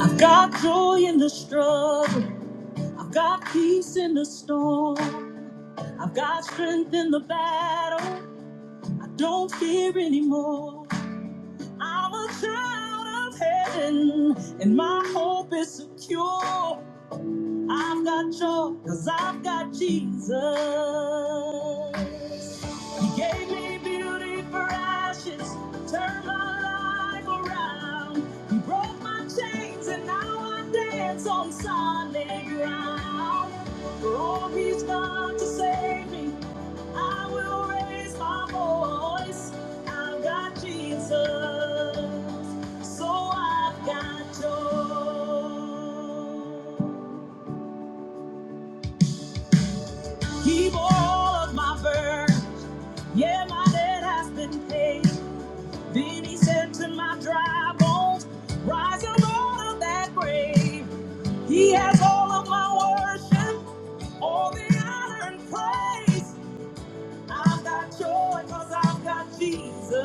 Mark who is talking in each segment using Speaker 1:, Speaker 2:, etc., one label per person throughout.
Speaker 1: I've got joy in the struggle. I've got peace in the storm. I've got strength in the battle. I don't fear anymore. I'm a child of heaven, and my hope is secure. I've got joy because I've got Jesus. He gave me beauty for ashes, turned my life around. He broke my chains and now I dance on solid ground. For all he's done to save me, I will raise my voice. I've got Jesus, so I've got joy. Keep all of my burdens, yeah, my debt has been paid. Then he said to my dry bones, Rise up out of that grave. He has all of my worship, all the honor and praise. I've got joy because I've got Jesus.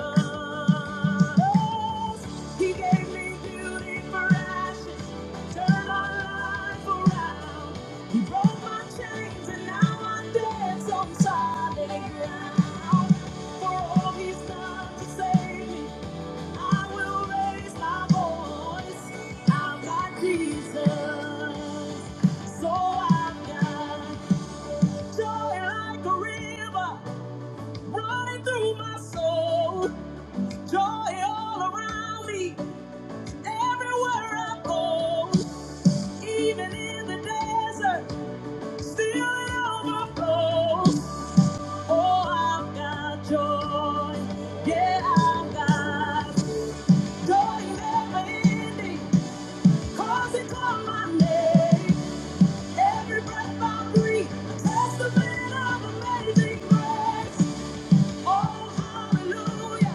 Speaker 1: He gave me beauty for ashes, turned my life around. He broke my chains and now I'm dance on solid ground. For all he's done to save me, I will raise my voice. I've got Jesus. So I've got joy like a river running through my soul. Joy all around me, everywhere I go. Even in the desert, still it overflows. Oh, I've got joy. Yeah, I've got joy never ending. 'Cause it called my name. Every breath I breathe, a testament of amazing grace. Oh, hallelujah.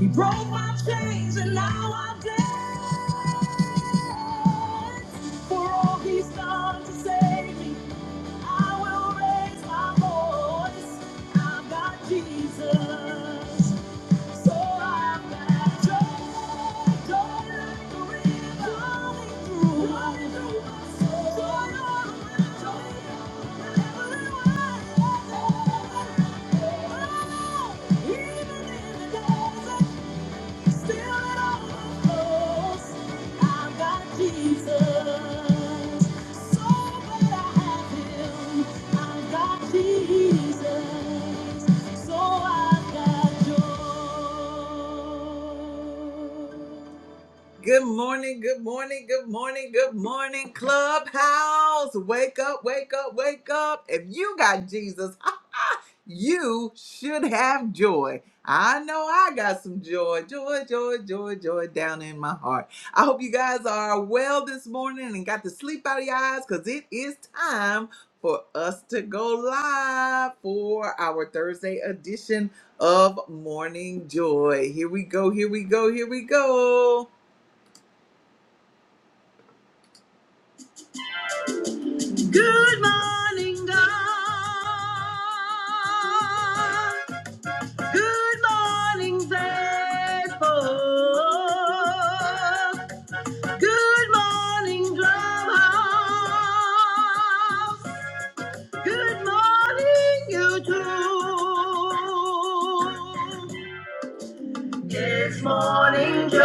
Speaker 1: He broke my chains and now i dance. For all he's done to save me, I will raise my voice. I've got Jesus. Even in the days Still it overflows. I've got Jesus. So glad I have Him. I've got Jesus. So I've got joy. Good morning, good morning, good morning, good morning, Clubhouse. Wake up, wake up, wake up. If you got Jesus, you should have joy. I know I got some joy, joy, joy, joy, joy down in my heart. I hope you guys are well this morning and got the sleep out of your eyes because it is time for us to go live for our Thursday edition of Morning Joy. Here we go, here we go, here we go. Good morning, God. Good morning, Facebook. Good morning, Drumhouse. Good morning, YouTube. It's morning joy.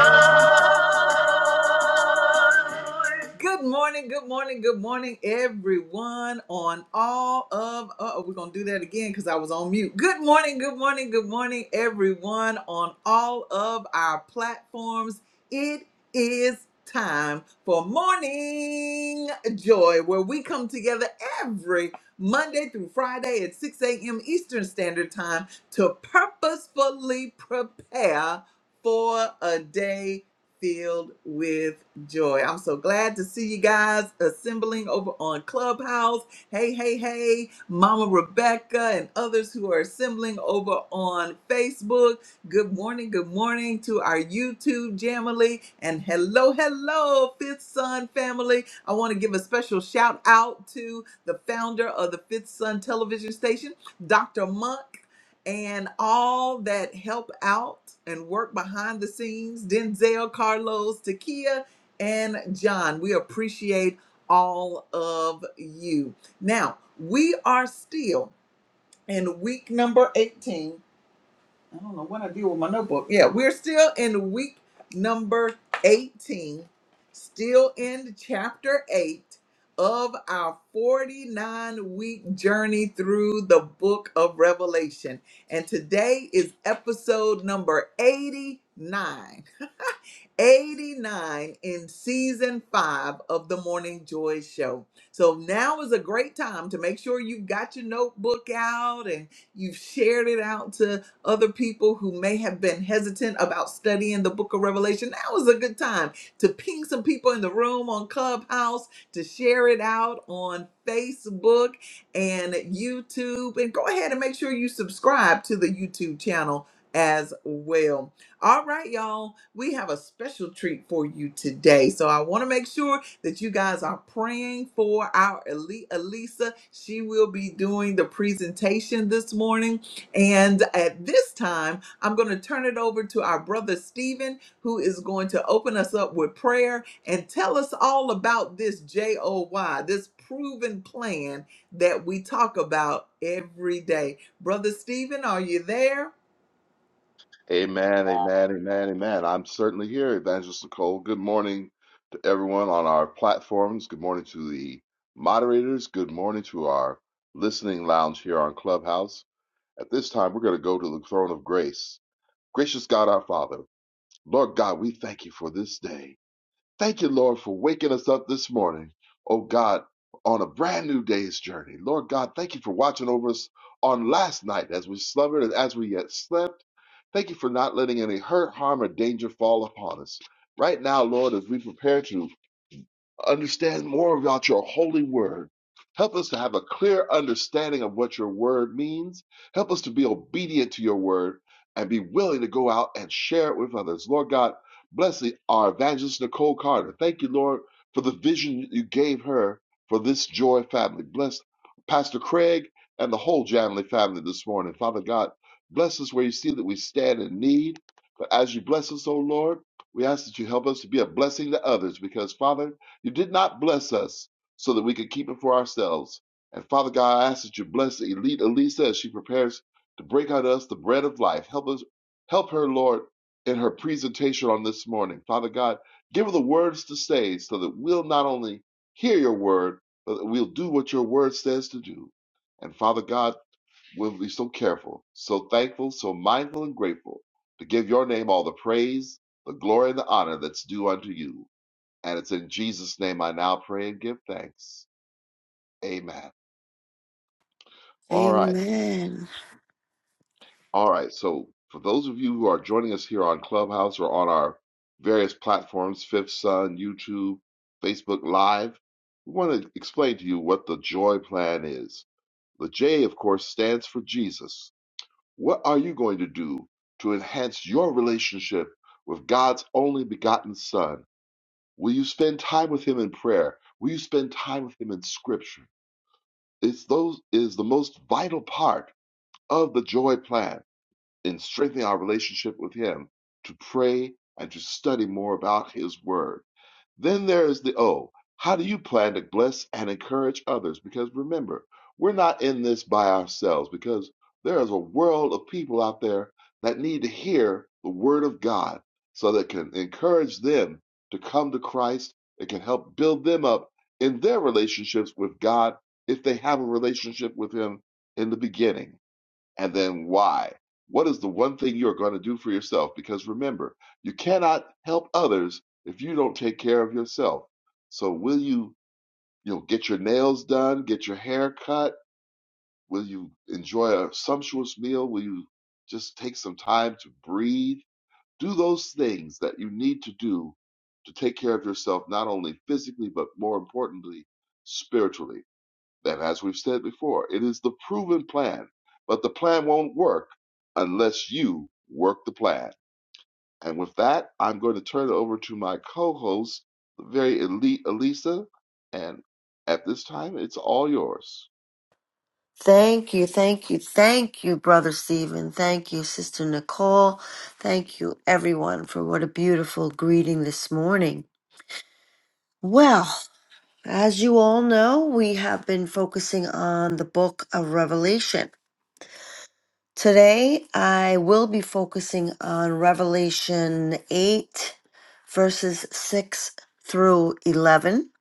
Speaker 1: Good morning, good morning, good morning, everyone. On all of, uh, we're gonna do that again because I was on mute. Good morning, good morning, good morning, everyone. On all of our platforms, it is time for morning joy, where we come together every Monday through Friday at 6 a.m. Eastern Standard Time to purposefully prepare for a day filled with joy. I'm so glad to see you guys assembling over on Clubhouse. Hey, hey, hey, Mama Rebecca and others who are assembling over on Facebook. Good morning, good morning to our YouTube Jamily and hello, hello, Fifth Son family. I want to give a special shout out to the founder of the Fifth Son television station, Dr. Monk and all that help out and work behind the scenes Denzel, Carlos, Takia, and John. We appreciate all of you. Now, we are still in week number 18 I don't know what I do with my notebook. Yeah, we're still in week number 18, still in chapter 8 of our 49 week journey through the book of Revelation. And today is episode number 89. 89 in season five of the Morning Joy Show. So now is a great time to make sure you've got your notebook out and you've shared it out to other people who may have been hesitant about studying the book of Revelation. Now is a good time to ping some people in the room on Clubhouse, to share it out on Facebook and YouTube. And go ahead and make sure you subscribe to the YouTube channel as well. All right, y'all, we have a special treat for you today. So I want to make sure that you guys are praying for our elite Elisa. She will be doing the presentation this morning. And at this time, I'm going to turn it over to our brother Stephen, who is going to open us up with prayer and tell us all about this JOY, this proven plan that we talk about every day. Brother Stephen, are you there?
Speaker 2: Amen, amen, amen, amen. I'm certainly here, Evangelist Nicole. Good morning to everyone on our platforms. Good morning to the moderators. Good morning to our listening lounge here on Clubhouse. At this time, we're going to go to the throne of grace. Gracious God, our Father, Lord God, we thank you for this day. Thank you, Lord, for waking us up this morning. Oh God, on a brand new day's journey. Lord God, thank you for watching over us on last night as we slumbered and as we yet slept. Thank you for not letting any hurt, harm, or danger fall upon us. Right now, Lord, as we prepare to understand more about your holy word. Help us to have a clear understanding of what your word means. Help us to be obedient to your word and be willing to go out and share it with others. Lord God, bless our evangelist Nicole Carter. Thank you, Lord, for the vision you gave her for this joy family. Bless Pastor Craig and the whole Janley family this morning. Father God, bless us where you see that we stand in need. But as you bless us, O Lord, we ask that you help us to be a blessing to others because, Father, you did not bless us so that we could keep it for ourselves. And Father God, I ask that you bless Elite Elisa as she prepares to break out us the bread of life. Help us, help her, Lord, in her presentation on this morning. Father God, give her the words to say so that we'll not only hear your word, but that we'll do what your word says to do. And Father God, we'll be so careful, so thankful, so mindful and grateful to give your name all the praise, the glory, and the honor that's due unto you. And it's in Jesus' name I now pray and give thanks. Amen. All right.
Speaker 3: Amen.
Speaker 2: All right. So, for those of you who are joining us here on Clubhouse or on our various platforms, Fifth Sun, YouTube, Facebook Live, we want to explain to you what the joy plan is. The J, of course, stands for Jesus. What are you going to do to enhance your relationship with God's only begotten Son? Will you spend time with Him in prayer? Will you spend time with Him in Scripture? It's those is the most vital part of the joy plan in strengthening our relationship with Him to pray and to study more about His Word. Then there is the O. How do you plan to bless and encourage others? Because remember, we're not in this by ourselves because there is a world of people out there that need to hear the word of God so that it can encourage them to come to Christ. It can help build them up in their relationships with God if they have a relationship with Him in the beginning and then why. What is the one thing you are going to do for yourself? Because remember, you cannot help others if you don't take care of yourself. So will you, you know, get your nails done, get your hair cut? Will you enjoy a sumptuous meal? Will you just take some time to breathe? Do those things that you need to do to take care of yourself, not only physically, but more importantly, spiritually that as we've said before, it is the proven plan, but the plan won't work unless you work the plan. And with that, I'm going to turn it over to my co-host, the very elite Elisa, and at this time, it's all yours.
Speaker 3: Thank you, thank you, thank you, Brother Stephen. Thank you, Sister Nicole. Thank you, everyone, for what a beautiful greeting this morning. Well, as you all know, we have been focusing on the book of Revelation. Today, I will be focusing on Revelation 8, verses 6 through 11.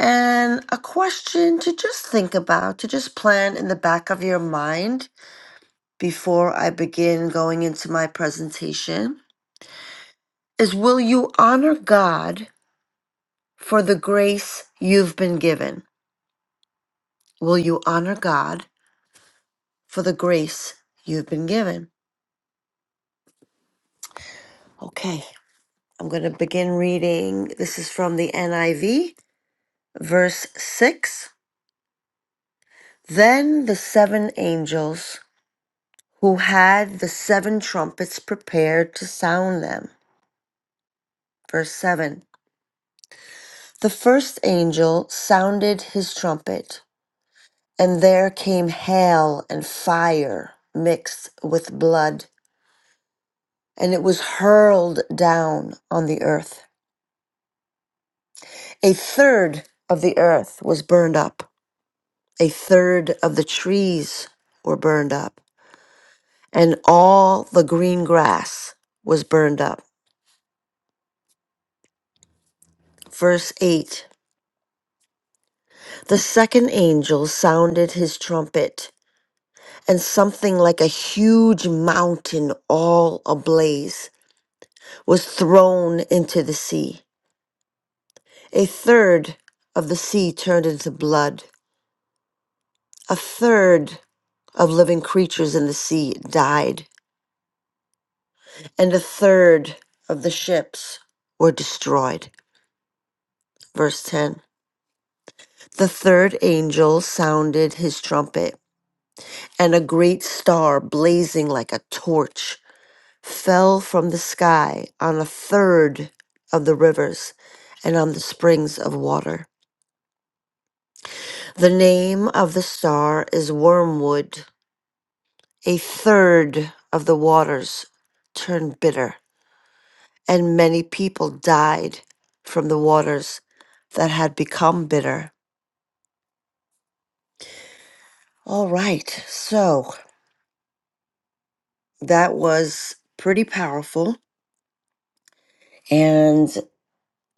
Speaker 3: And a question to just think about, to just plan in the back of your mind before I begin going into my presentation is will you honor God for the grace you've been given? Will you honor God for the grace you've been given? Okay, I'm going to begin reading. This is from the NIV, verse 6. Then the seven angels who had the seven trumpets prepared to sound them. Verse 7. The first angel sounded his trumpet And there came hail and fire mixed with blood, and it was hurled down on the earth. A third of the earth was burned up, a third of the trees were burned up, and all the green grass was burned up. Verse 8 The second angel sounded his trumpet, and something like a huge mountain all ablaze was thrown into the sea A third of the sea turned into blood. A third of living creatures in the sea died. And a third of the ships were destroyed. Verse 10 The third angel sounded his trumpet, and a great star, blazing like a torch, fell from the sky on a third of the rivers and on the springs of water. The name of the star is Wormwood a third of the waters turned bitter, and many people died from the waters that had become bitter. All right, so that was pretty powerful, and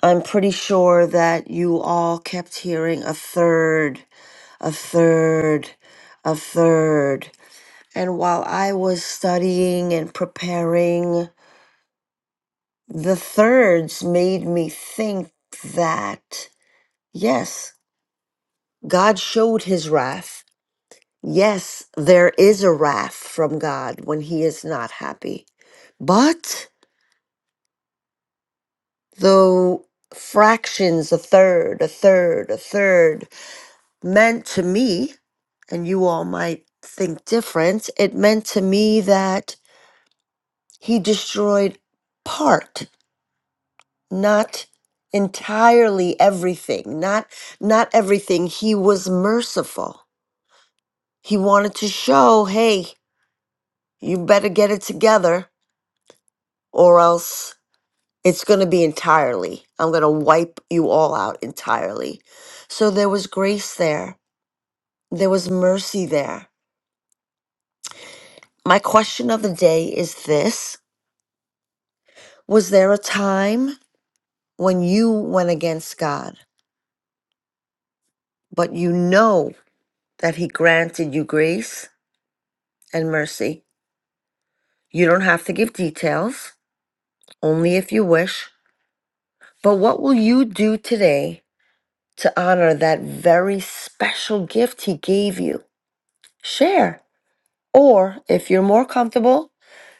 Speaker 3: I'm pretty sure that you all kept hearing a third, a third, a third. And while I was studying and preparing, the thirds made me think that, yes, God showed his wrath. Yes, there is a wrath from God when he is not happy. But though fractions, a third, a third, a third, meant to me, and you all might think different, it meant to me that he destroyed part, not entirely everything not not everything he was merciful he wanted to show hey you better get it together or else it's going to be entirely. I'm going to wipe you all out entirely. So there was grace there, there was mercy there. My question of the day is this Was there a time when you went against God, but you know that He granted you grace and mercy? You don't have to give details, only if you wish. But what will you do today to honor that very special gift He gave you? Share. Or if you're more comfortable,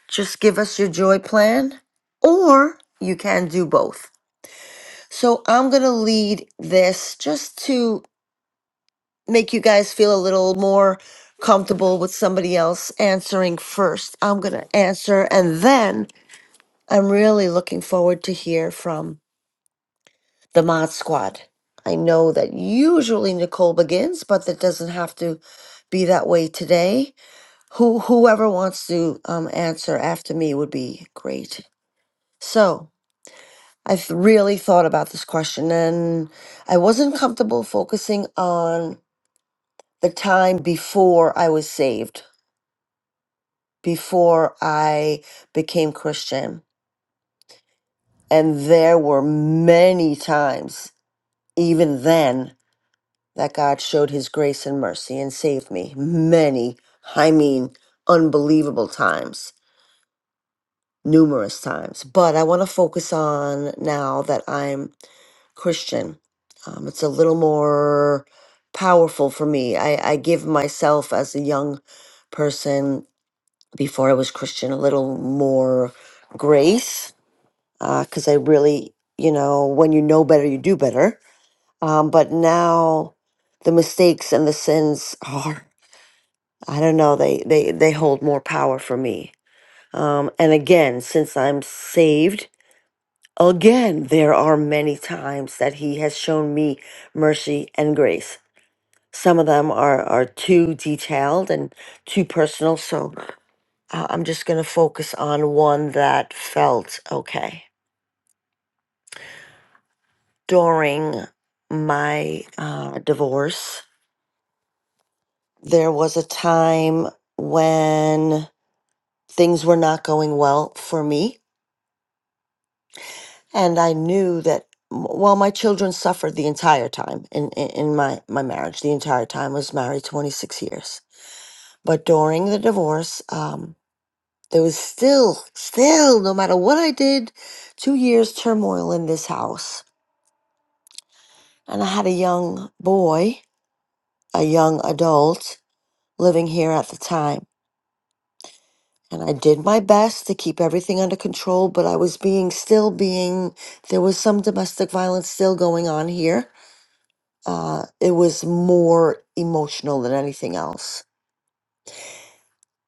Speaker 3: just give us your joy plan, or you can do both. So I'm going to lead this just to make you guys feel a little more comfortable with somebody else answering first. I'm going to answer, and then I'm really looking forward to hear from the Mod Squad. I know that usually Nicole begins, but that doesn't have to be that way today. Who whoever wants to um, answer after me would be great. So I've really thought about this question, and I wasn't comfortable focusing on the time before I was saved, before I became Christian, and there were many times, even then, that God showed His grace and mercy and saved me. Many, I mean, unbelievable times. numerous times, but I want to focus on now that I'm Christian. Um, it's a little more powerful for me. I, I give myself as a young person before I was Christian a little more grace because I really, you know, when you know better, you do better. Um, but now the mistakes and the sins are, I don't know, they, they, they hold more power for me. Um, and again, since I'm saved, Again, there are many times that he has shown me mercy and grace. Some of them are, are too detailed and too personal, so uh, I'm just going to focus on one that felt okay. During my uh, divorce, there was a time when things were not going well for me and I knew that m- well, my children suffered the entire time in, in in my my marriage. The entire time I was married twenty six years, but during the divorce, um, there was still still no matter what I did, two years turmoil in this house, and I had a young boy, a young adult living here at the time. And I did my best to keep everything under control, but I was being still being, there was some domestic violence still going on here uh, it was more emotional than anything else.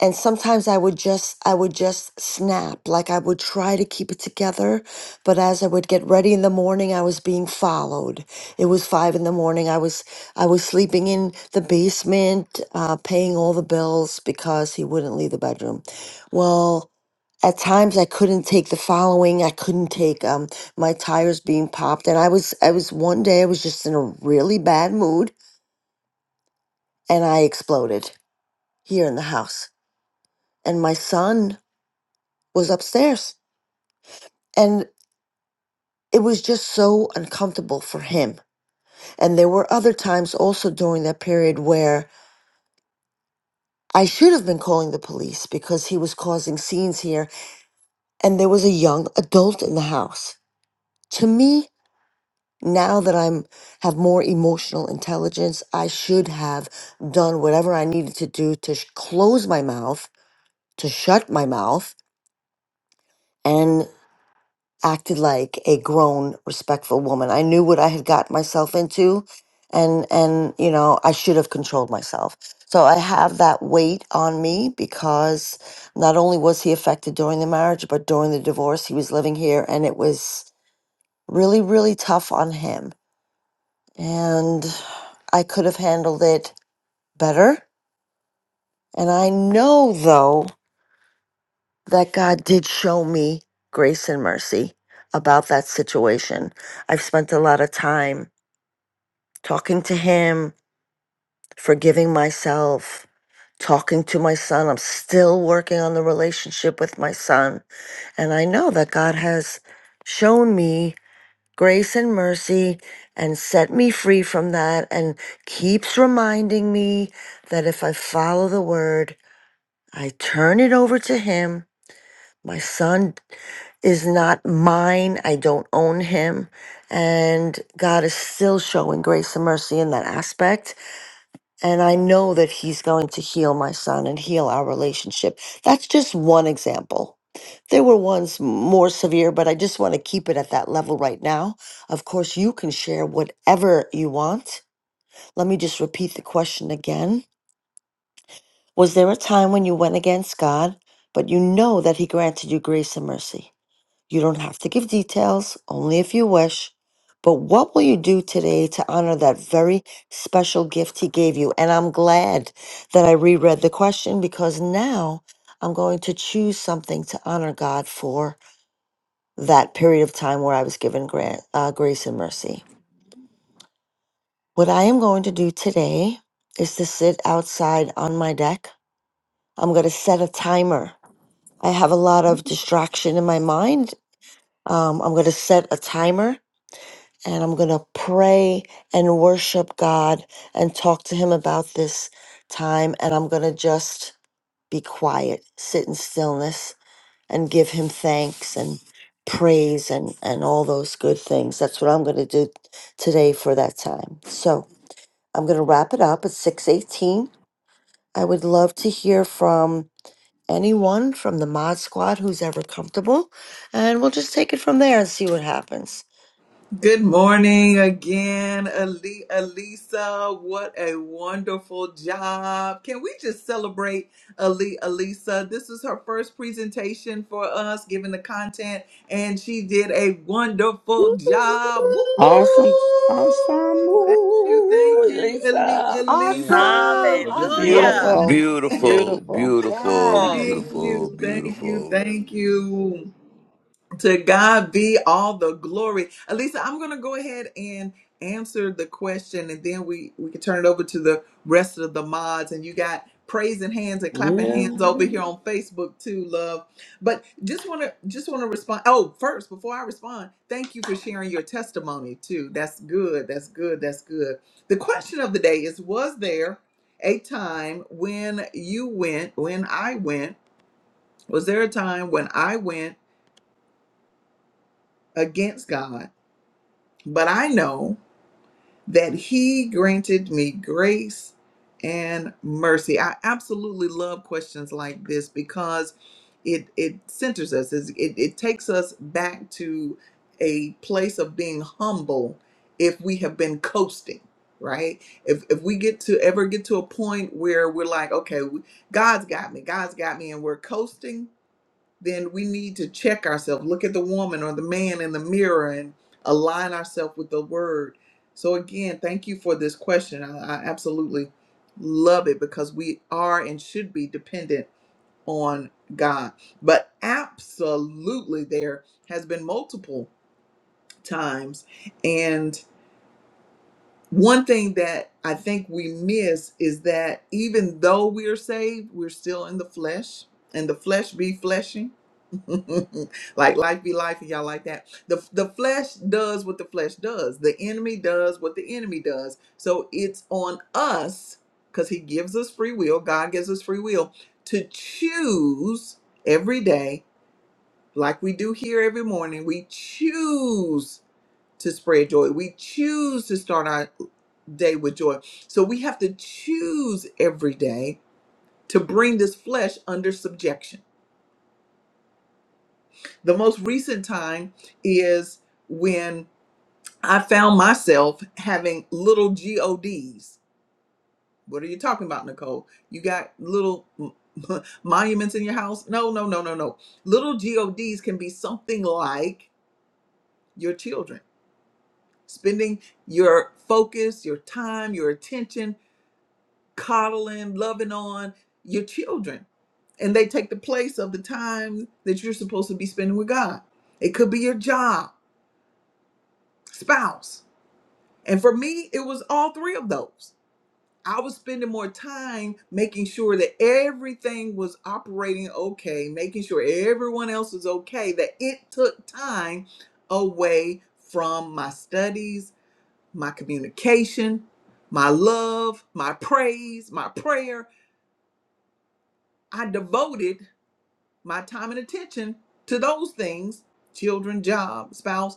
Speaker 3: And sometimes I would just, I would just snap. Like I would try to keep it together, but as I would get ready in the morning, I was being followed. It was five in the morning. I was, I was sleeping in the basement, uh, paying all the bills because he wouldn't leave the bedroom. Well, at times I couldn't take the following. I couldn't take um my tires being popped, and I was I was one day I was just in a really bad mood and I exploded here in the house. And my son was upstairs, and it was just so uncomfortable for him. And there were other times also during that period where I should have been calling the police because he was causing scenes here, and there was a young adult in the house. To me, now that I'm have more emotional intelligence, I should have done whatever I needed to do to sh- close my mouth, to shut my mouth, and. acted like a grown respectful woman i knew what i had got myself into and and you know i should have controlled myself so i have that weight on me because not only was he affected during the marriage but during the divorce he was living here and it was really really tough on him and i could have handled it better and i know though that god did show me grace and mercy about that situation i've spent a lot of time talking to him, forgiving myself, talking to my son. I'm still working on the relationship with my son. And I know that God has shown me grace and mercy and set me free from that and keeps reminding me that if I follow the word, I turn it over to him. My son is not mine. I don't own him. And God is still showing grace and mercy in that aspect And I know that he's going to heal my son and heal our relationship. That's just one example. There were ones more severe, but I just want to keep it at that level right now. Of course, you can share whatever you want. Let me just repeat the question again Was there a time when you went against God, but you know that He granted you grace and mercy? You don't have to give details, only if you wish. But what will you do today to honor that very special gift he gave you? And I'm glad that I reread the question because now I'm going to choose something to honor God for that period of time where I was given grant, uh, grace and mercy. What I am going to do today is to sit outside on my deck. I'm going to set a timer. I have a lot of distraction in my mind. Um, I'm going to set a timer and I'm going to pray and worship God and talk to Him about this time. And I'm going to just be quiet, sit in stillness, and give Him thanks and praise and, and all those good things. That's what I'm going to do today for that time. So I'm going to wrap it up at 618. I would love to hear from anyone from the mod squad who's ever comfortable, and we'll just take it from there and see what happens.
Speaker 1: Good morning again, Ali- Alisa. What a wonderful job. Can we just celebrate Ali Alisa? This is her first presentation for us, given the content, and she did a wonderful job. Woo
Speaker 4: Awesome,
Speaker 1: woo!
Speaker 4: awesome.
Speaker 1: Thank you, thank
Speaker 4: Ooh,
Speaker 1: you, Ali
Speaker 4: Lisa.
Speaker 2: Man, I
Speaker 1: Alisa.
Speaker 5: Awesome.
Speaker 2: need you
Speaker 5: Awesome.
Speaker 2: this
Speaker 1: Yeah,
Speaker 2: morning.
Speaker 6: Hallelujah.
Speaker 5: Awesome.
Speaker 4: Beautiful,
Speaker 7: Beautiful,
Speaker 4: beautiful.
Speaker 7: beautiful,
Speaker 6: Oh,
Speaker 5: Yes.
Speaker 1: thank you,
Speaker 7: beautiful,
Speaker 1: thank you,
Speaker 7: beautiful.
Speaker 1: thank you. To God be all the glory. Alisa. I'm going to go ahead and answer the question, and then we, we can turn it over to the rest of the mods. And you got praising hands and clapping hands over
Speaker 4: Well,
Speaker 1: here on Facebook too, love. But just want to just want to respond. Oh, first, before I respond, thank you for sharing your testimony too. That's good. That's good. That's good. The question of the day is: Was there a time when you went, when I went? Was there a time when I went against God? But I know that he granted me grace and mercy. I absolutely love questions like this because it it centers us. It's- It, it takes us back to a place of being humble if we have been coasting, right? If if we get to ever get to a point where we're like, okay, we- God's got me, God's got me, and we're coasting then we need to check ourselves, look at the woman or the man in the mirror and align ourselves with the word. So, again, thank you for this question. I, I absolutely love it because we are and should be dependent on God. But absolutely, there has been multiple times. And one thing that I think we miss is that even though we are saved, we're still in the flesh, and the flesh be fleshing like life be life and y'all like that the the flesh does what the flesh does the enemy does what the enemy does so it's on us because he gives us free will god gives us free will to choose every day like we do here every morning we choose to spread joy we choose to start our day with joy so we have to choose every day to bring this flesh under subjection The most recent time is when I found myself having little GODs. What are you talking about, Nicole? You got little m- monuments in your house? No, no, no, no, no. Little GODs can be something like your children, spending your focus, your time, your attention, coddling, loving on your children. And they take the place of the time that you're supposed to be spending with God. It could be your job, spouse And for me, it was all three of those. I was spending more time making sure that everything was operating okay, making sure everyone else was okay, that it took time away from my studies, my communication, my love, my praise, my prayer. I devoted my time and attention to those things children, job, spouse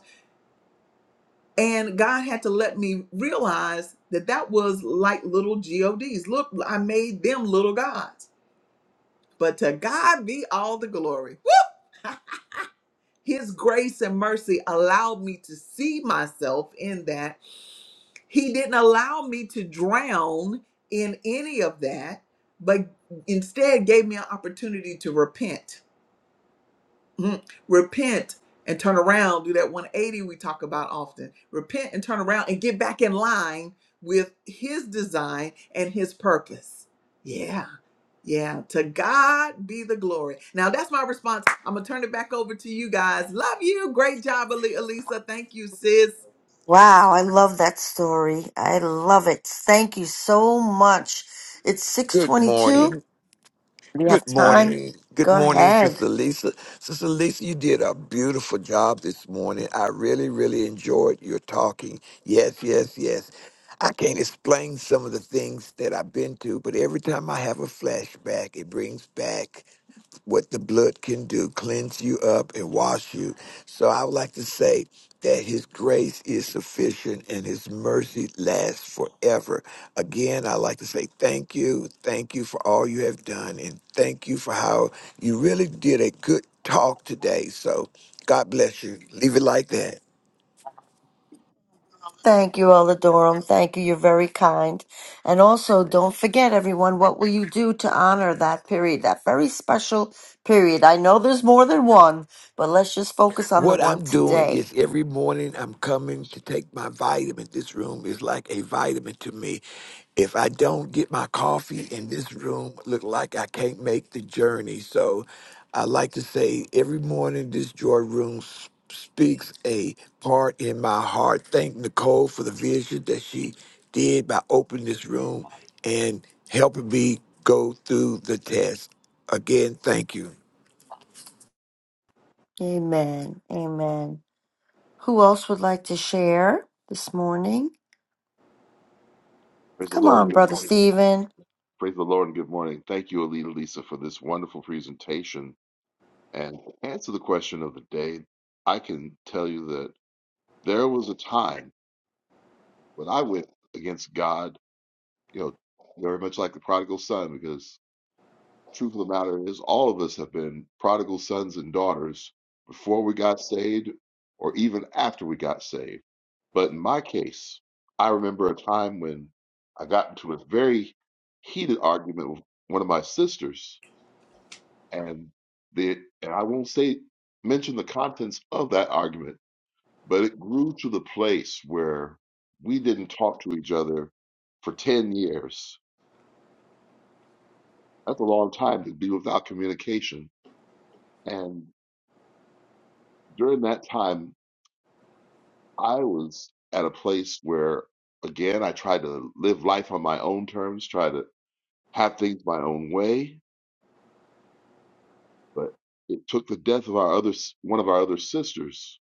Speaker 1: And God had to let me realize that that was like little GODs. Look, I made them little gods. But to God be all the glory. His grace and mercy allowed me to see myself in that. He didn't allow me to drown in any of that, but instead gave me an opportunity to repent Mhm. Repent and turn around. Do that 180 we talk about often. Repent and turn around and get back in line with His design and His purpose. Yeah, yeah. To God be the glory. Now that's my response. I'm gonna turn it back over to you guys. Love you. Great job, Ali- Elisa. Thank you, sis.
Speaker 3: Wow, I love that story. I love it. Thank you so much. It's
Speaker 7: Good
Speaker 3: 622.
Speaker 7: morning.
Speaker 3: Do you have
Speaker 7: Good
Speaker 3: time?
Speaker 7: morning. Good
Speaker 3: Go
Speaker 7: morning,
Speaker 3: ahead.
Speaker 7: Sister Lisa. Sister Lisa, you did a beautiful job this morning. I really, really enjoyed your talking. Yes, yes, yes. I can't explain some of the things that I've been to, but every time I have a flashback, it brings back what the blood can do, cleanse you up and wash you. So I would like to say that his grace is sufficient and his mercy lasts forever. Again, I like to say thank you. Thank you for all you have done and thank you for how you really did a good talk today. So God bless you. Leave it like that.
Speaker 3: Thank you, Elder Durham. Thank you. You're very kind. And also, don't forget, everyone, what will you do to honor that period, that very special period? I know there's more than one, but let's just focus on the
Speaker 7: What
Speaker 3: one
Speaker 7: I'm doing
Speaker 3: today.
Speaker 7: is every morning I'm coming to take my vitamin. This room is like a vitamin to me. If I don't get my coffee in this room, look like I can't make the journey. So I like to say every morning this joy room s- speaks a part in my heart. Thank Nicole for the vision that she did by opening this room and helping me go through the test. Again, thank you.
Speaker 3: Amen. Amen. Who else would like to share this morning?
Speaker 2: Praise the
Speaker 3: Come
Speaker 2: Lord and
Speaker 3: on,
Speaker 2: good
Speaker 3: Brother
Speaker 2: morning.
Speaker 3: Stephen.
Speaker 2: Praise the Lord and good morning. Thank you, Alita Lisa, for this wonderful presentation. And to answer the question of the day, I can tell you that there was a time when I went against God you know, very much like the prodigal son, because truth of the matter is, all of us have been prodigal sons and daughters before we got saved or even after we got saved. But in my case, I remember a time when I got into a very heated argument with one of my sisters, and the and I won't say mention the contents of that argument, but it grew to the place where we didn't talk to each other for 10 years That's a long time to be without communication. And during that time, I was at a place where, again, I tried to live life on my own terms, try to have things my own way. But it took the death of our other, s- one of our other sisters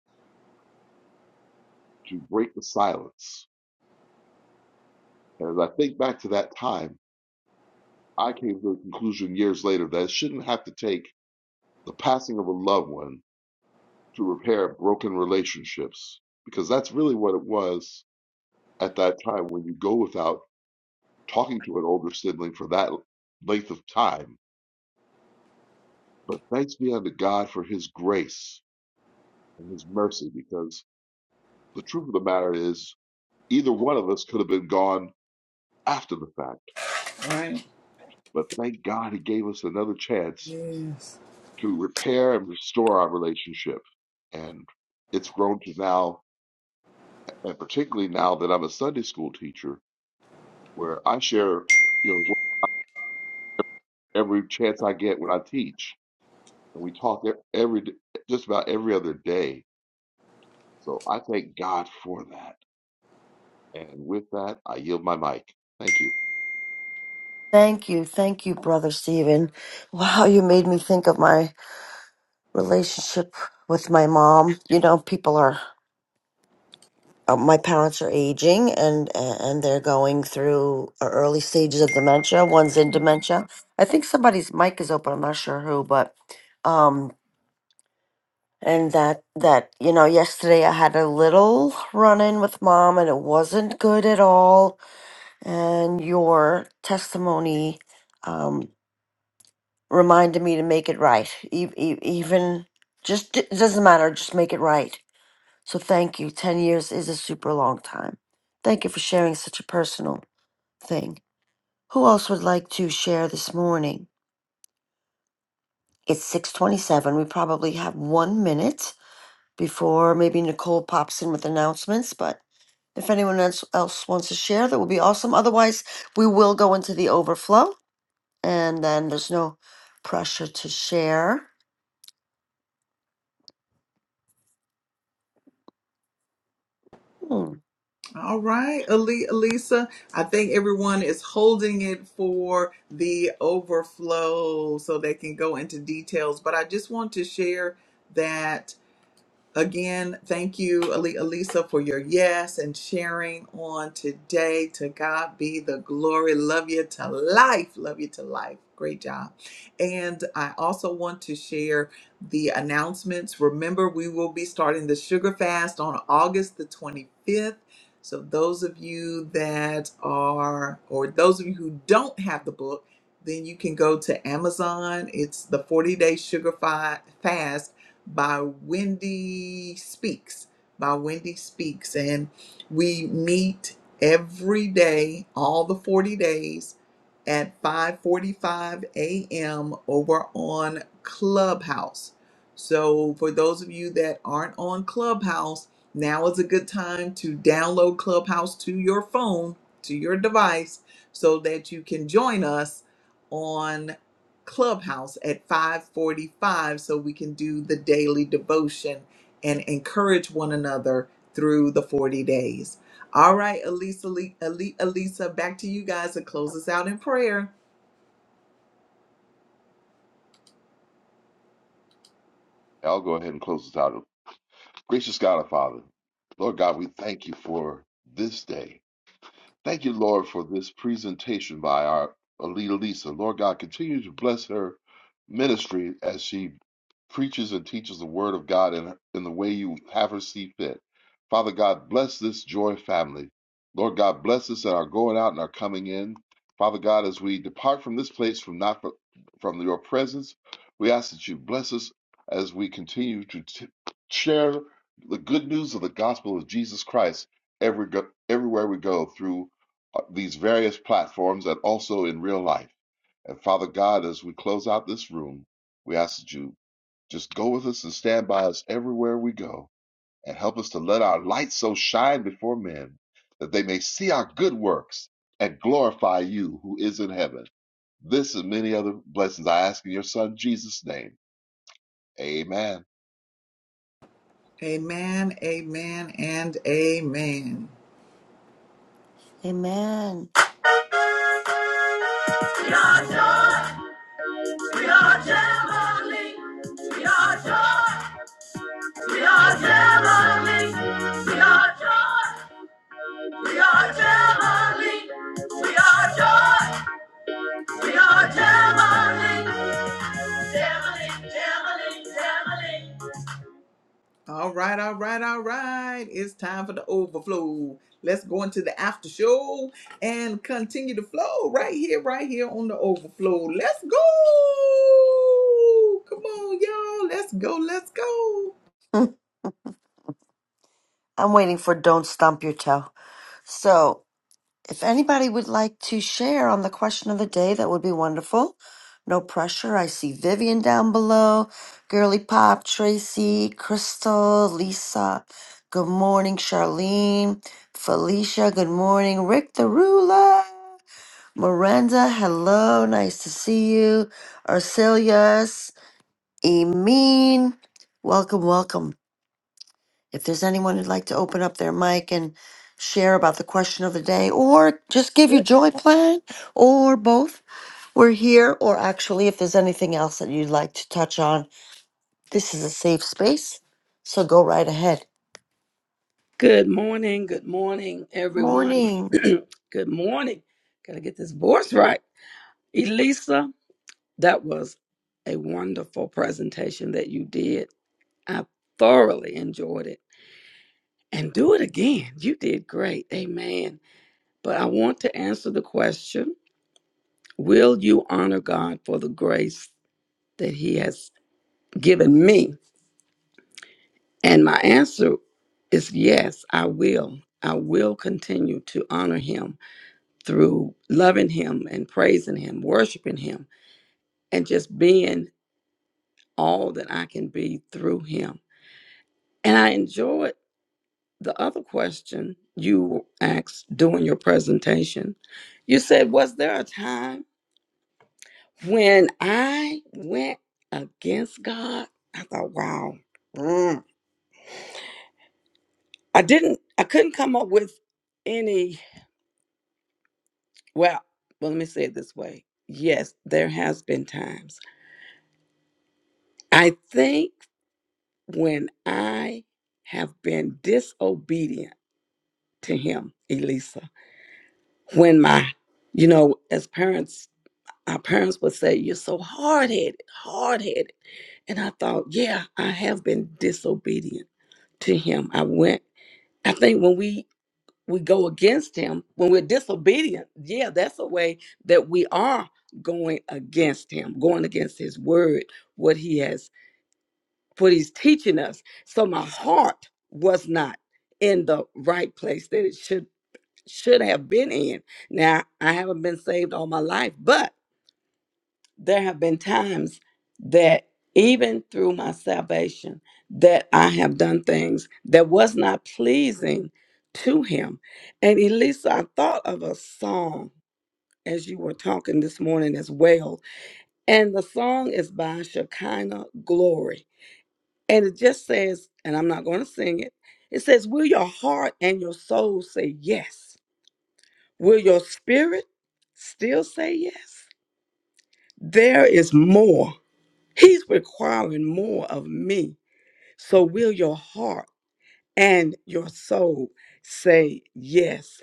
Speaker 2: to break the silence. And as I think back to that time, I came to the conclusion years later that it shouldn't have to take the passing of a loved one to repair broken relationships, because that's really what it was at that time when you go without talking to an older sibling for that length of time. But thanks be unto God for his grace and his mercy, because the truth of the matter is, either one of us could have been gone after the fact.
Speaker 1: All right.
Speaker 2: But thank God he gave us another chance
Speaker 1: Yes.
Speaker 2: to repair and restore our relationship. And it's grown to now, and particularly now that I'm a Sunday school teacher, where I share, you know, every chance I get when I teach. and we talk e- every just about every other day. So I thank God for that. And with that, I yield my mic. Thank you.
Speaker 3: Thank you. Thank you, Brother Stephen. Wow, you made me think of my relationship with my mom. You know, people are, uh, my parents are aging and, and they're going through uh, early stages of dementia. One's in dementia. I think somebody's mic is open. I'm not sure who, but, um, and that, that, you know, yesterday I had a little run in with mom and it wasn't good at all. And your testimony, um. reminded me to make it right. E- e- even just it doesn't matter. Just make it right. So thank you. Ten years is a super long time. Thank you for sharing such a personal thing. Who else would like to share this morning? It's six twenty-seven. We probably have one minute before maybe Nicole pops in with announcements, but. If anyone else, else wants to share, that would be awesome. Otherwise, we will go into the overflow, and then there's no pressure to share. Hmm.
Speaker 1: All right, Ali- Alisa. I think everyone is holding it for the overflow so they can go into details. But I just want to share that Again, thank you, Ali- Elisa, for your yes and sharing on today. To God be the glory. Love you to life. Love you to life. Great job. And I also want to share the announcements. Remember, we will be starting the sugar fast on August the 25th. So, those of you that are, or those of you who don't have the book, then you can go to Amazon. It's the 40 day sugar fi- fast by Wendy Speaks. By Wendy Speaks. And we meet every day, all the 40 days at 5:45 a.m. over on Clubhouse. So for those of you that aren't on Clubhouse, now is a good time to download Clubhouse to your phone, to your device so that you can join us on Clubhouse at 5:45 so we can do the daily devotion and encourage one another through the 40 days. All right, Elisa, Ali- Ali- Elisa, back to you guys to close us out in prayer.
Speaker 2: I'll go ahead and close this out. Gracious God, our Father, Lord God, we thank you for this day. Thank you, Lord, for this presentation by our Alita Lisa. Lord God, continue to bless her ministry as she preaches and teaches the Word of God in, in the way you have her see fit. Father God, bless this joy family. Lord God, bless us in our going out and our coming in. Father God, as we depart from this place from not from your presence, we ask that you bless us as we continue to t- share the good news of the gospel of Jesus Christ every go- everywhere we go through uh, these various platforms and also in real life. And Father God, as we close out this room, we ask that you just go with us and stand by us everywhere we go and help us to let our light so shine before men that they may see our good works and glorify you who is in heaven. This and many other blessings I ask in your son Jesus' name. Amen.
Speaker 1: Amen, amen, and amen.
Speaker 3: Amen.
Speaker 1: We are joy, we are heavenly. We are joy, we are heavenly. We are joy, we are heavenly. We are joy, we are heavenly. Heavenly, heavenly, heavenly. All right, all right, all right. It's time for the overflow. Let's go into the after show and continue to flow right here, right here on the overflow. Let's go. Come on, y'all. Let's go. Let's go.
Speaker 3: Mm, I'm waiting for don't stomp your toe. So, if anybody would like to share on the question of the day, that would be wonderful. No pressure. I see Vivian down below, Girly Pop, Tracy, Crystal, Lisa. Good morning, Charlene, Felicia. Good morning, Rick the Ruler, Miranda. Hello, nice to see you. Arcelius, Emin. Welcome, welcome. If there's anyone who'd like to open up their mic and share about the question of the day, or just give your
Speaker 4: well.
Speaker 3: joy plan, or both, we're here. Or actually, if there's anything else that you'd like to touch on, this is a safe space, so go right ahead.
Speaker 4: good morning, good morning, everyone.
Speaker 3: Morning.
Speaker 4: good morning. Gotta get this voice right. Elisa, that was a wonderful presentation that you did. I thoroughly enjoyed it. And do it again. You did great. Amen. But I want to answer the question Will you honor God for the grace? that he has given me? And my answer is yes, I will. I will continue to honor him through loving him and praising him, worshiping him, and just being all that I can be through him. And I enjoyed the other question you asked during your presentation. You said, Was there a time when I went against God? I thought, wow. Mm. I didn't, I couldn't come up with any Well, well, let me say it this way. Yes, there has been times. I think when I have been disobedient to him, Elisa, when my, you know, as parents, our parents would say, You're so hard headed, hard headed. And I thought, Yeah, I have been disobedient to him. I went, I think when we we go against him when we're disobedient yeah that's a way that we are going against him going against his word what he has what he's teaching us so my heart was not in the right place that it should should have been in now i haven't been saved all my life but there have been times that even through my salvation that i have done things that was not pleasing to him and elisa i thought of a song as you were talking this morning as well and the song is by shekinah glory and it just says and i'm not going to sing it it says will your heart and your soul say yes will your spirit still say yes there is more He's requiring more of me. So will your heart and your soul say yes?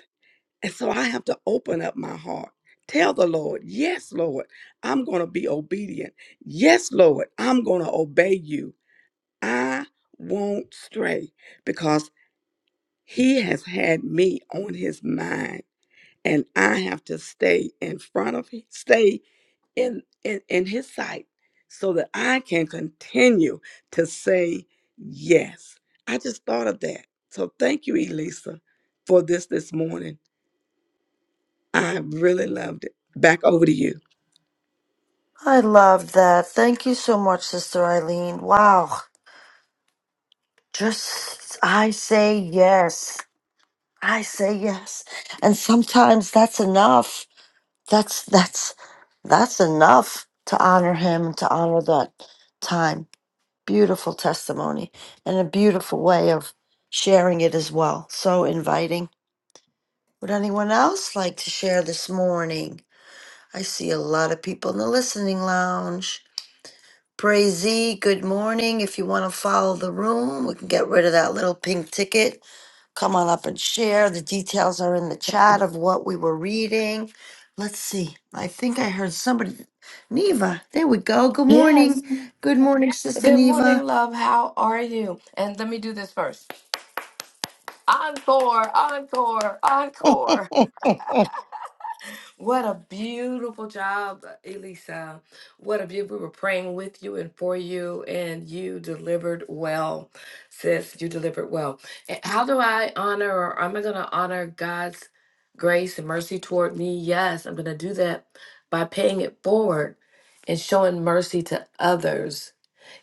Speaker 4: And so I have to open up my heart. Tell the Lord, yes, Lord, I'm going to be obedient. Yes, Lord, I'm going to obey you. I won't stray because he has had me on his mind and I have to stay in front of him, stay in, in in his sight so that I can continue to say yes. I just thought of that. So thank you, Elisa, for this this morning. I really loved it. Back over to you.
Speaker 3: I love that. Thank you so much, Sister Eileen. Wow. Just, I say yes. I say yes. And sometimes that's enough That's that's that's enough to honor him and to honor that time. Beautiful testimony and a beautiful way of sharing it as well. So inviting. Would anyone else like to share this morning? I see a lot of people in the listening lounge. Praisey, good morning. If you want to follow the room, we can get rid of that little pink ticket. Come on up and share. The details are in the chat of what we were reading. Let's see. I think I heard somebody. Neva, there we go. Good
Speaker 8: Yes.
Speaker 3: morning. Good morning, Sister
Speaker 8: Good morning,
Speaker 3: Neva.
Speaker 8: love. How are you? And let me do this first. Encore, encore, encore. What a beautiful job, Elisa. What a beautiful. We were praying with you and for you, and you delivered well, sis. You delivered well. And How do I honor, or am I going to honor God's grace and mercy toward me? Yes, I'm going to do that by paying it forward and showing mercy to others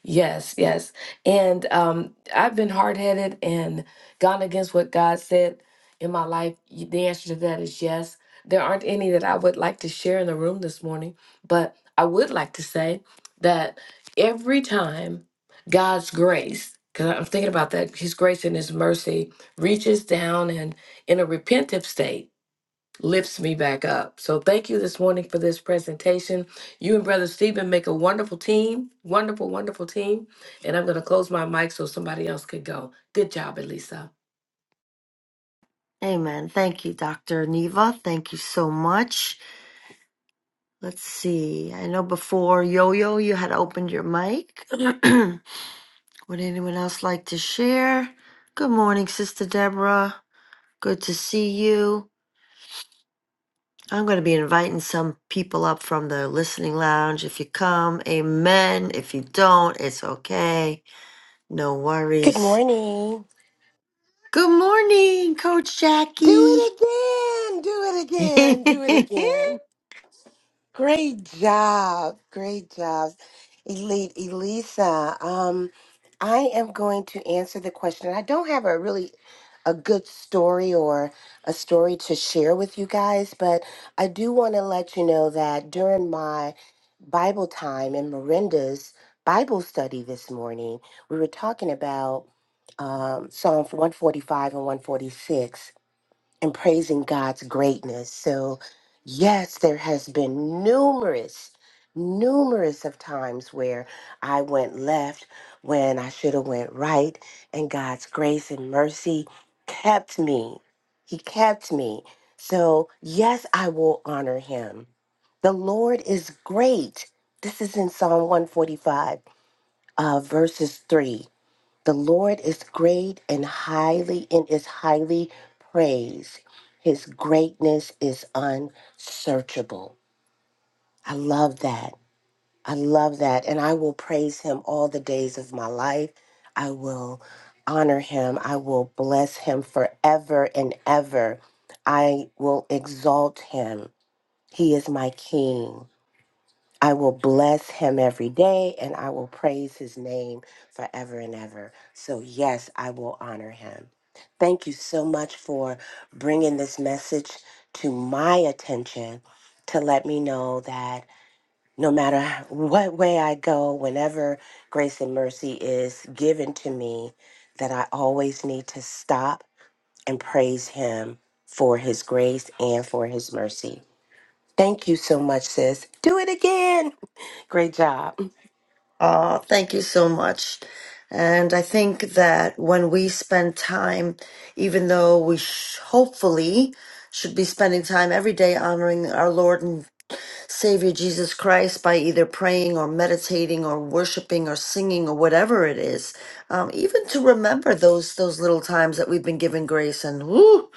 Speaker 8: Yes, yes. And um, I've been hard headed and gone against what God said in my life. Y- The answer to that is yes. There aren't any that I would like to share in the room this morning, but I would like to say that every time God's grace, because I'm thinking about that, His grace and His mercy reaches down and in a repentive state lifts me back up. So thank you this morning for this presentation. You and Brother Stephen make a wonderful team, wonderful, wonderful team. And I'm going to close my mic so somebody else could go. Good job, Elisa.
Speaker 3: Amen. Thank you, Dr. Neva. Thank you so much. Let's see. I know before Yo Yo, you had opened your mic. Would anyone else like to share? Good morning, Sister Deborah. Good to see you. I'm going to be inviting some people up from the listening lounge. If you come, amen. If you don't, it's okay. No
Speaker 5: Good
Speaker 3: worries.
Speaker 5: morning.
Speaker 3: Good morning, Coach
Speaker 5: Do
Speaker 3: Jackie.
Speaker 5: it again. Do it again. Do it again. Great job. Great job. Elite Elisa. Um, I am going to answer the question. I don't have a really a good story or a story to share with you guys, but I do want to let you know that during my Bible time in Miranda's Bible study this morning, we were talking about um, Psalm 145 and 146 and praising God's greatness. So, yes, there has been numerous, numerous of times where I went left when I should have went right, and God's grace and mercy kept me. He kept me. So, yes, I will honor him. The Lord is great. This is in Psalm 145, uh, verses 3. The Lord is great and highly and is highly praised. His greatness is unsearchable. I love that. I love that. And I will praise him all the days of my life. I will honor him. I will bless him forever and ever. I will exalt him. He is my king. I will bless him every day and I will praise his name forever and ever. So, yes, I will honor him. Thank you so much for bringing this message to my attention to let me know that no matter what way I go, whenever grace and mercy is given to me, that I always need to stop and praise him for his grace and for his mercy. Thank you so much, sis. Do it again. Great job.
Speaker 3: oh, thank you so much. And I think that when we spend time, even though we sh- hopefully should be spending time every day honoring our Lord and Savior Jesus Christ by either praying or meditating or worshiping or singing or whatever it is. Um, even to remember those those little times that we've been given grace and whoo,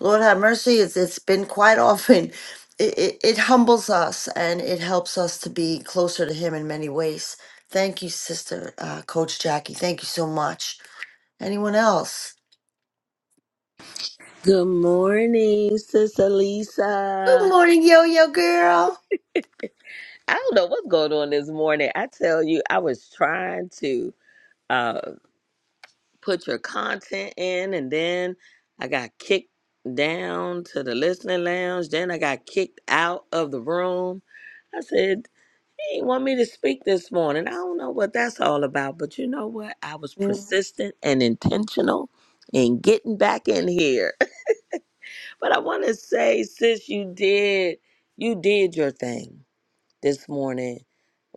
Speaker 3: Lord have mercy, it's it's been quite often. It, it, it humbles us and it helps us to be closer to Him in many ways. Thank you, Sister uh, Coach Jackie. Thank you so much. Anyone else?
Speaker 6: Good morning, Sister
Speaker 3: Good
Speaker 6: Lisa.
Speaker 3: morning, Yo Yo Girl.
Speaker 6: I don't know what's going on this morning. I tell you, I was trying to uh, put your content in, and then I got kicked down to the listening lounge. Then I got kicked out of the room. I said, He want me to speak this morning. I don't know what that's all about, but you know what? I was
Speaker 3: Mm,
Speaker 6: persistent and intentional in getting back in here. But I want to say, sis, you did you did your thing this morning.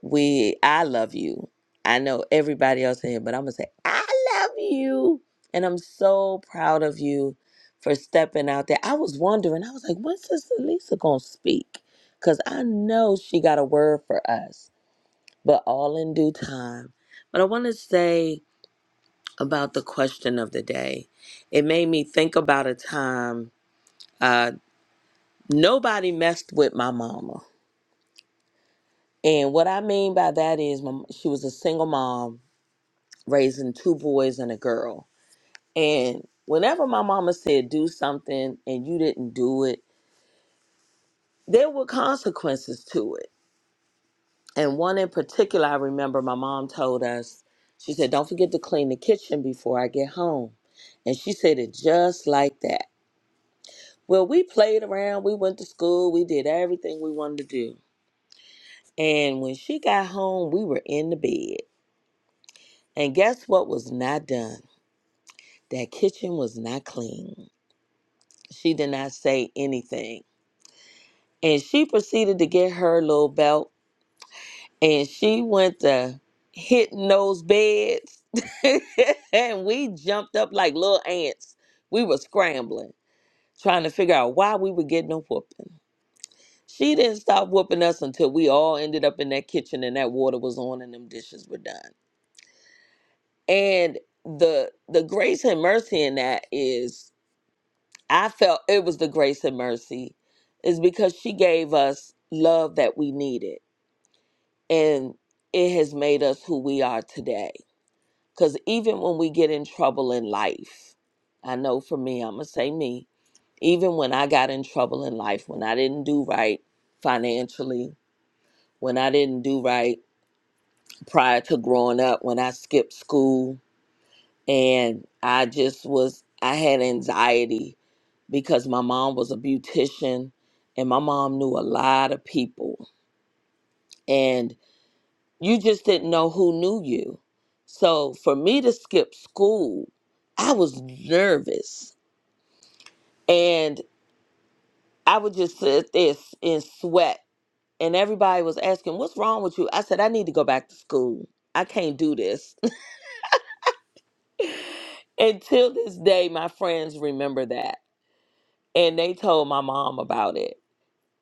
Speaker 6: We I love you. I know everybody else in here, but I'm gonna say I love you, and I'm so proud of you for stepping out there. I was wondering. I was like, when's Sister Lisa gonna speak? Cause I know she got a word for us but all in due time. But I want to say about the question of the day. It made me think about a time uh, nobody messed with my mama. And what I mean by that is my, she was a single mom raising two boys and a girl. And whenever my mama said do something and you didn't do it, there were consequences to it And one in particular, I remember my mom told us, she said, Don't forget to clean the kitchen before I get home. And she said it just like that. Well, we played around, we went to school, we did everything we wanted to do. And when she got home, we were in the bed. And guess what was not done? That kitchen was not clean. She did not say anything. And she proceeded to get her little belt and she went to hitting those beds and we jumped up like little ants we were scrambling trying to figure out why we were getting a whooping she didn't stop whooping us until we all ended up in that kitchen and that water was on and them dishes were done and the the grace and mercy in that is i felt it was the grace and mercy is because she gave us love that we needed and it has made us who we are today Because even when we get in trouble in life, I know for me, I'm going to say me, even when I got in trouble in life, when I didn't do right financially, when I didn't do right prior to growing up, when I skipped school, and I just was, I had anxiety because my mom was a beautician and my mom knew a lot of people. And you just didn't know who knew you. So for me to skip school, I was nervous. And I would just sit there s- in sweat. And everybody was asking, What's wrong with you? I said, I need to go back to school. I can't do this. Until this day, my friends remember that. And they told my mom about it.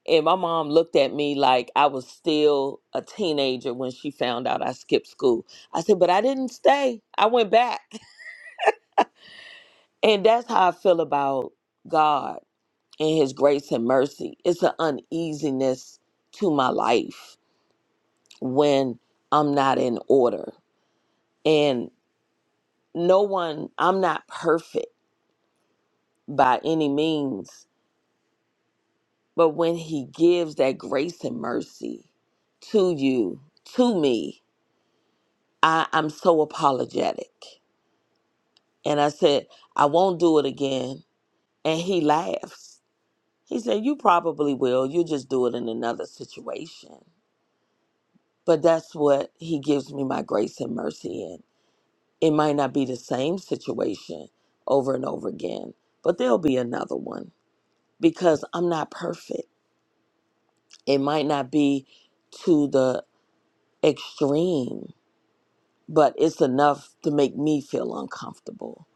Speaker 6: And my mom looked at me like I was still a teenager when she found out I skipped school. I said, But I didn't stay. I went back. And that's how I feel about God and His grace and mercy. It's an uneasiness to my life when I'm not in order. And no one, I'm not perfect by any means, but when He gives that grace and mercy to you, to me, I, I'm so apologetic. And I said, I won't do it again. And He laughs. He said, You probably will. You'll just do it in another situation. But that's what He gives me my grace and mercy in. It might not be the same situation over and over again, but there'll be another one because I'm not perfect. It might not be to the extreme, but it's enough to make me feel uncomfortable.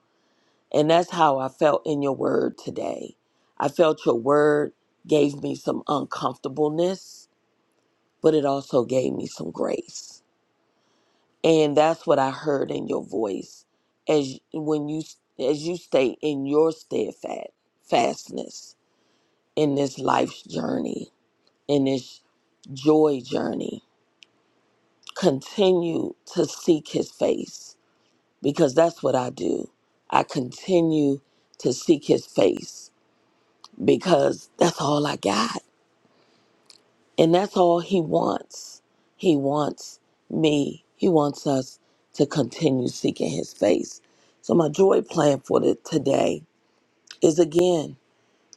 Speaker 6: And that's how I felt in your word today. I felt your word gave me some uncomfortableness, but it also gave me some grace and that's what I heard in your voice as when you as you stay in your steadfastness in this life's journey in this joy journey continue to seek his face because that's what I do I continue to seek his face because that's all I got And that's all He wants. He wants me, He wants us to continue seeking His face. So, my joy plan for the, today is again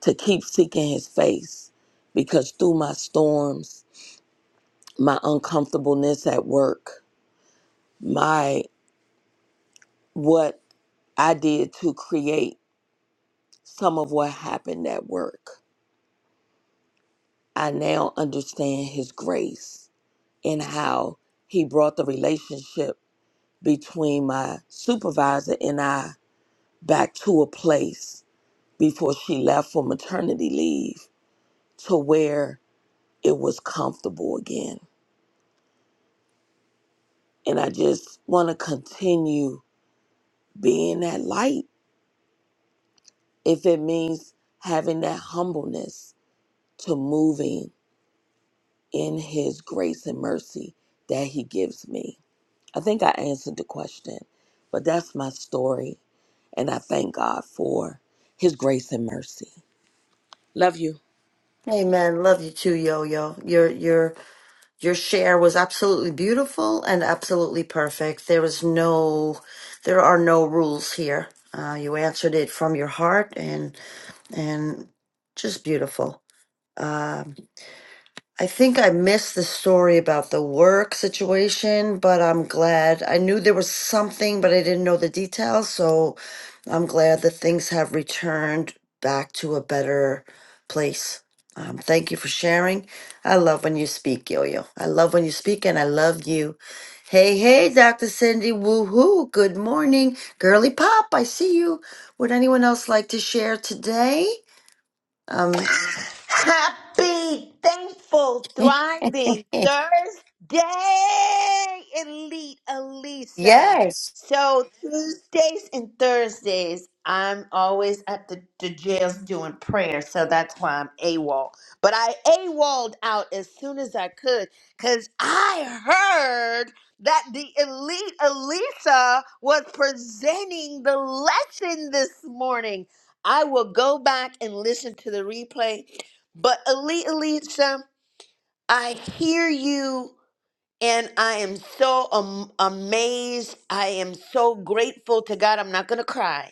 Speaker 6: to keep seeking His face because through my storms, my uncomfortableness at work, my what I did to create some of what happened at work, I now understand His grace and how He brought the relationship between my supervisor and I back to a place before she left for maternity leave to where it was comfortable again. And I just want to continue being that light if it means having that humbleness to moving in his grace and mercy that he gives me. I think I answered the question, but that's my story. And I thank God for his grace and mercy. Love you.
Speaker 3: Amen. Love you too, Yo Yo. You're you're Your share was absolutely beautiful and absolutely perfect. There is no, there are no rules here. Uh, you answered it from your heart and and just beautiful. Um, I think I missed the story about the work situation, but I'm glad. I knew there was something, but I didn't know the details. So I'm glad that things have returned back to a better place. Um, thank you for sharing. I love when you speak, Yo Yo. I love when you speak, and I love you. Hey, hey, Dr. Cindy, woohoo. Good morning. Girly Pop, I see you. Would anyone else like to share today? Um,
Speaker 9: Happy, thankful, thriving Thursday, Elite Elisa.
Speaker 3: yes.
Speaker 9: So, Tuesdays and Thursdays, I'm always at the, the jails doing prayer. So that's why I'm AWOL. But I awol out as soon as I could because I heard that the Elite Elisa was presenting the lesson this morning. I will go back and listen to the replay but Ali Elisa, I hear you and I am so um amazed. I am so grateful to God. I'm not going to cry.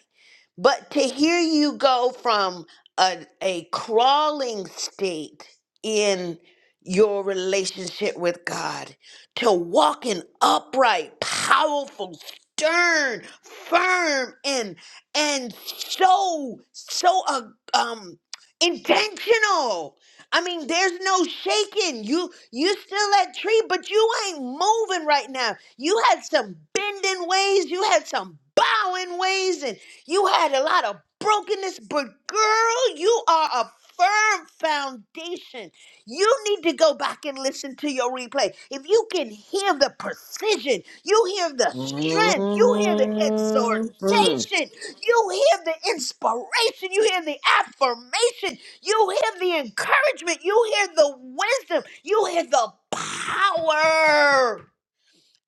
Speaker 9: But to hear you go from a, a crawling state in your relationship with God to walking upright, powerful, stern, firm, and and so so uh, um intentional I mean, there's no shaking. You you still that tree, but you ain't moving right now. You had some bending ways, you had some bowing ways, and you had a lot of brokenness. But girl, you are a firm foundation. You need to go back and listen to your replay. If you can hear the precision, you hear the strength, you hear the
Speaker 6: Mhm.
Speaker 9: exhortation, you hear the inspiration, you hear the affirmation. You hear the encouragement. You hear the wisdom. You hear the power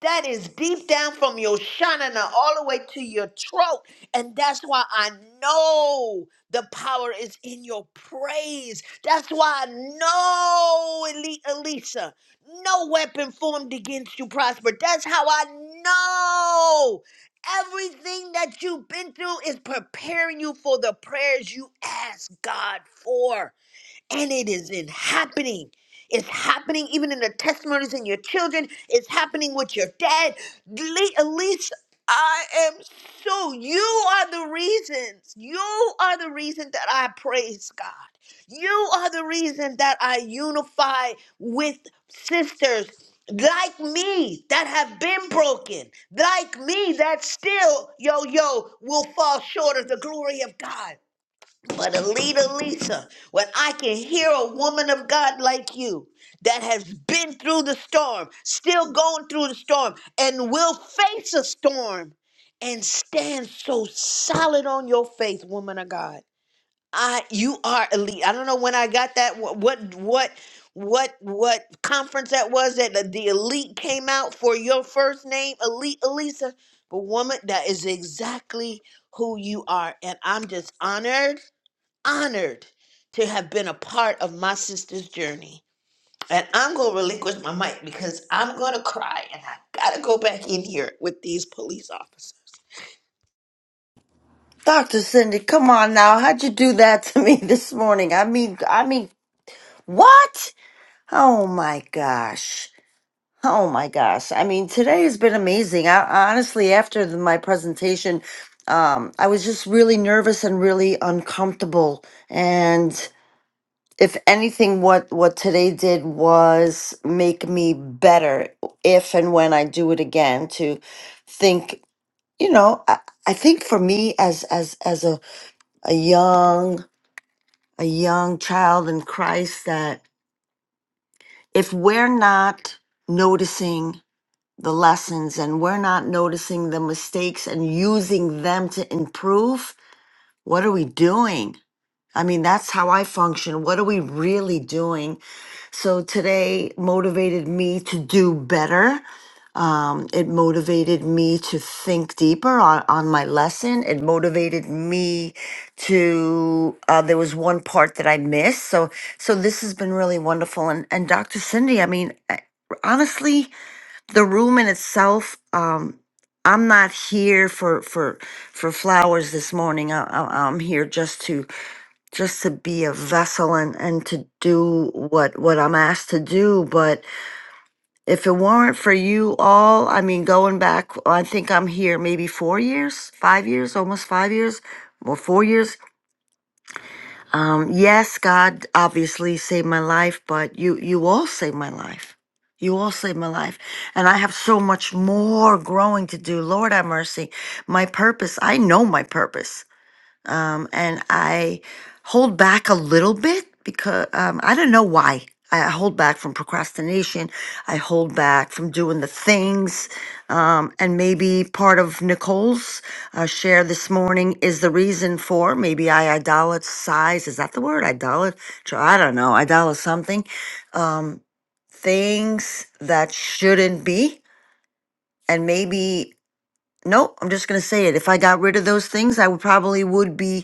Speaker 9: that is deep down from your shanana all the way to your throat. And that's why I know the power is in your praise. That's why I know, Eli- Elisa, no weapon formed against you prosper. That's how I know. Everything that you've been through is preparing you for the prayers you ask God for and it is in happening. It's happening even in the testimonies in your children. It's happening with your dad. Le- Elise, I am so, you are the reasons. You are the reason that I praise God. You are the reason that I unify with sisters like me that have been broken, like me that still, yo, yo, will fall short of the glory of God. But Alita Lisa, when I can hear a woman of God like you that has been through the storm, still going through the storm, and will face a storm and stand so solid on your faith, woman of God. I you are elite. I don't know when I got that wh- what what what what conference that was that the, the elite came out for your first name, Elite Elisa. But woman, that is exactly who you are. And I'm just honored honored to have been a part of my sister's journey. And I'm going to relinquish my mic because I'm going to cry and I got to go back in here with these police officers.
Speaker 3: Dr. Cindy, come on now. How'd you do that to me this morning? I mean, I mean, what? Oh my gosh. Oh my gosh. I mean, today has been amazing. I honestly, after the, my presentation, um, I was just really nervous and really uncomfortable. And if anything, what, what today did was make me better if and when I do it again to think, you know, I, I think for me as, as, as a, a young a young child in Christ that if we're not noticing the lessons and we're not noticing the mistakes and using them to improve, what are we doing? I mean, that's how I function. What are we really doing? So today motivated me to do better. Um, it motivated me to think deeper on, on my lesson. It motivated me to, uh, there was one part that I missed. So, so this has been really wonderful. And, and Dr. Cindy, I mean, I- honestly, the room in itself, um, I'm not here for, for, for flowers this morning. I, I, I'm here just to just to be a vessel and, and to do what what I'm asked to do. But if it weren't for you all, I mean, going back, I think I'm here maybe four years, five years, almost five years, or four years. Um, yes, God obviously saved my life, but you you all saved my life. You all saved my life. And I have so much more growing to do. Lord have mercy. My purpose, I know my purpose um, and I hold back a little bit because um, I don't know why. I I hold back from procrastination. I hold back from doing the things. Um, and maybe part of Nicole's uh, share this morning is the reason for maybe I idolatrize. Is that the word? Idolat? I don't know. Idolat something. Um, things that shouldn't be. And maybe, no, I'm just going to say it. If I got rid of those things, I would probably would be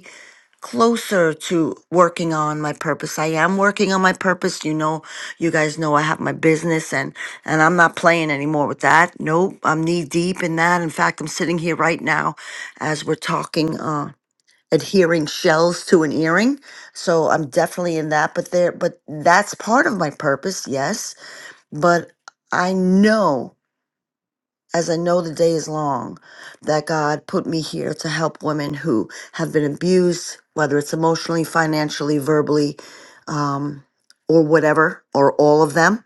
Speaker 3: closer to working on my purpose. I am working on my purpose. You know, you guys know I have my business and and I'm not playing anymore with that. Nope, I'm knee deep in that. In fact, I'm sitting here right now as we're talking uh adhering shells to an earring. So I'm definitely in that, but there but that's part of my purpose, yes. But I know as I know the day is long, that God put me here to help women who have been abused, whether it's emotionally, financially, verbally, um, or whatever, or all of them,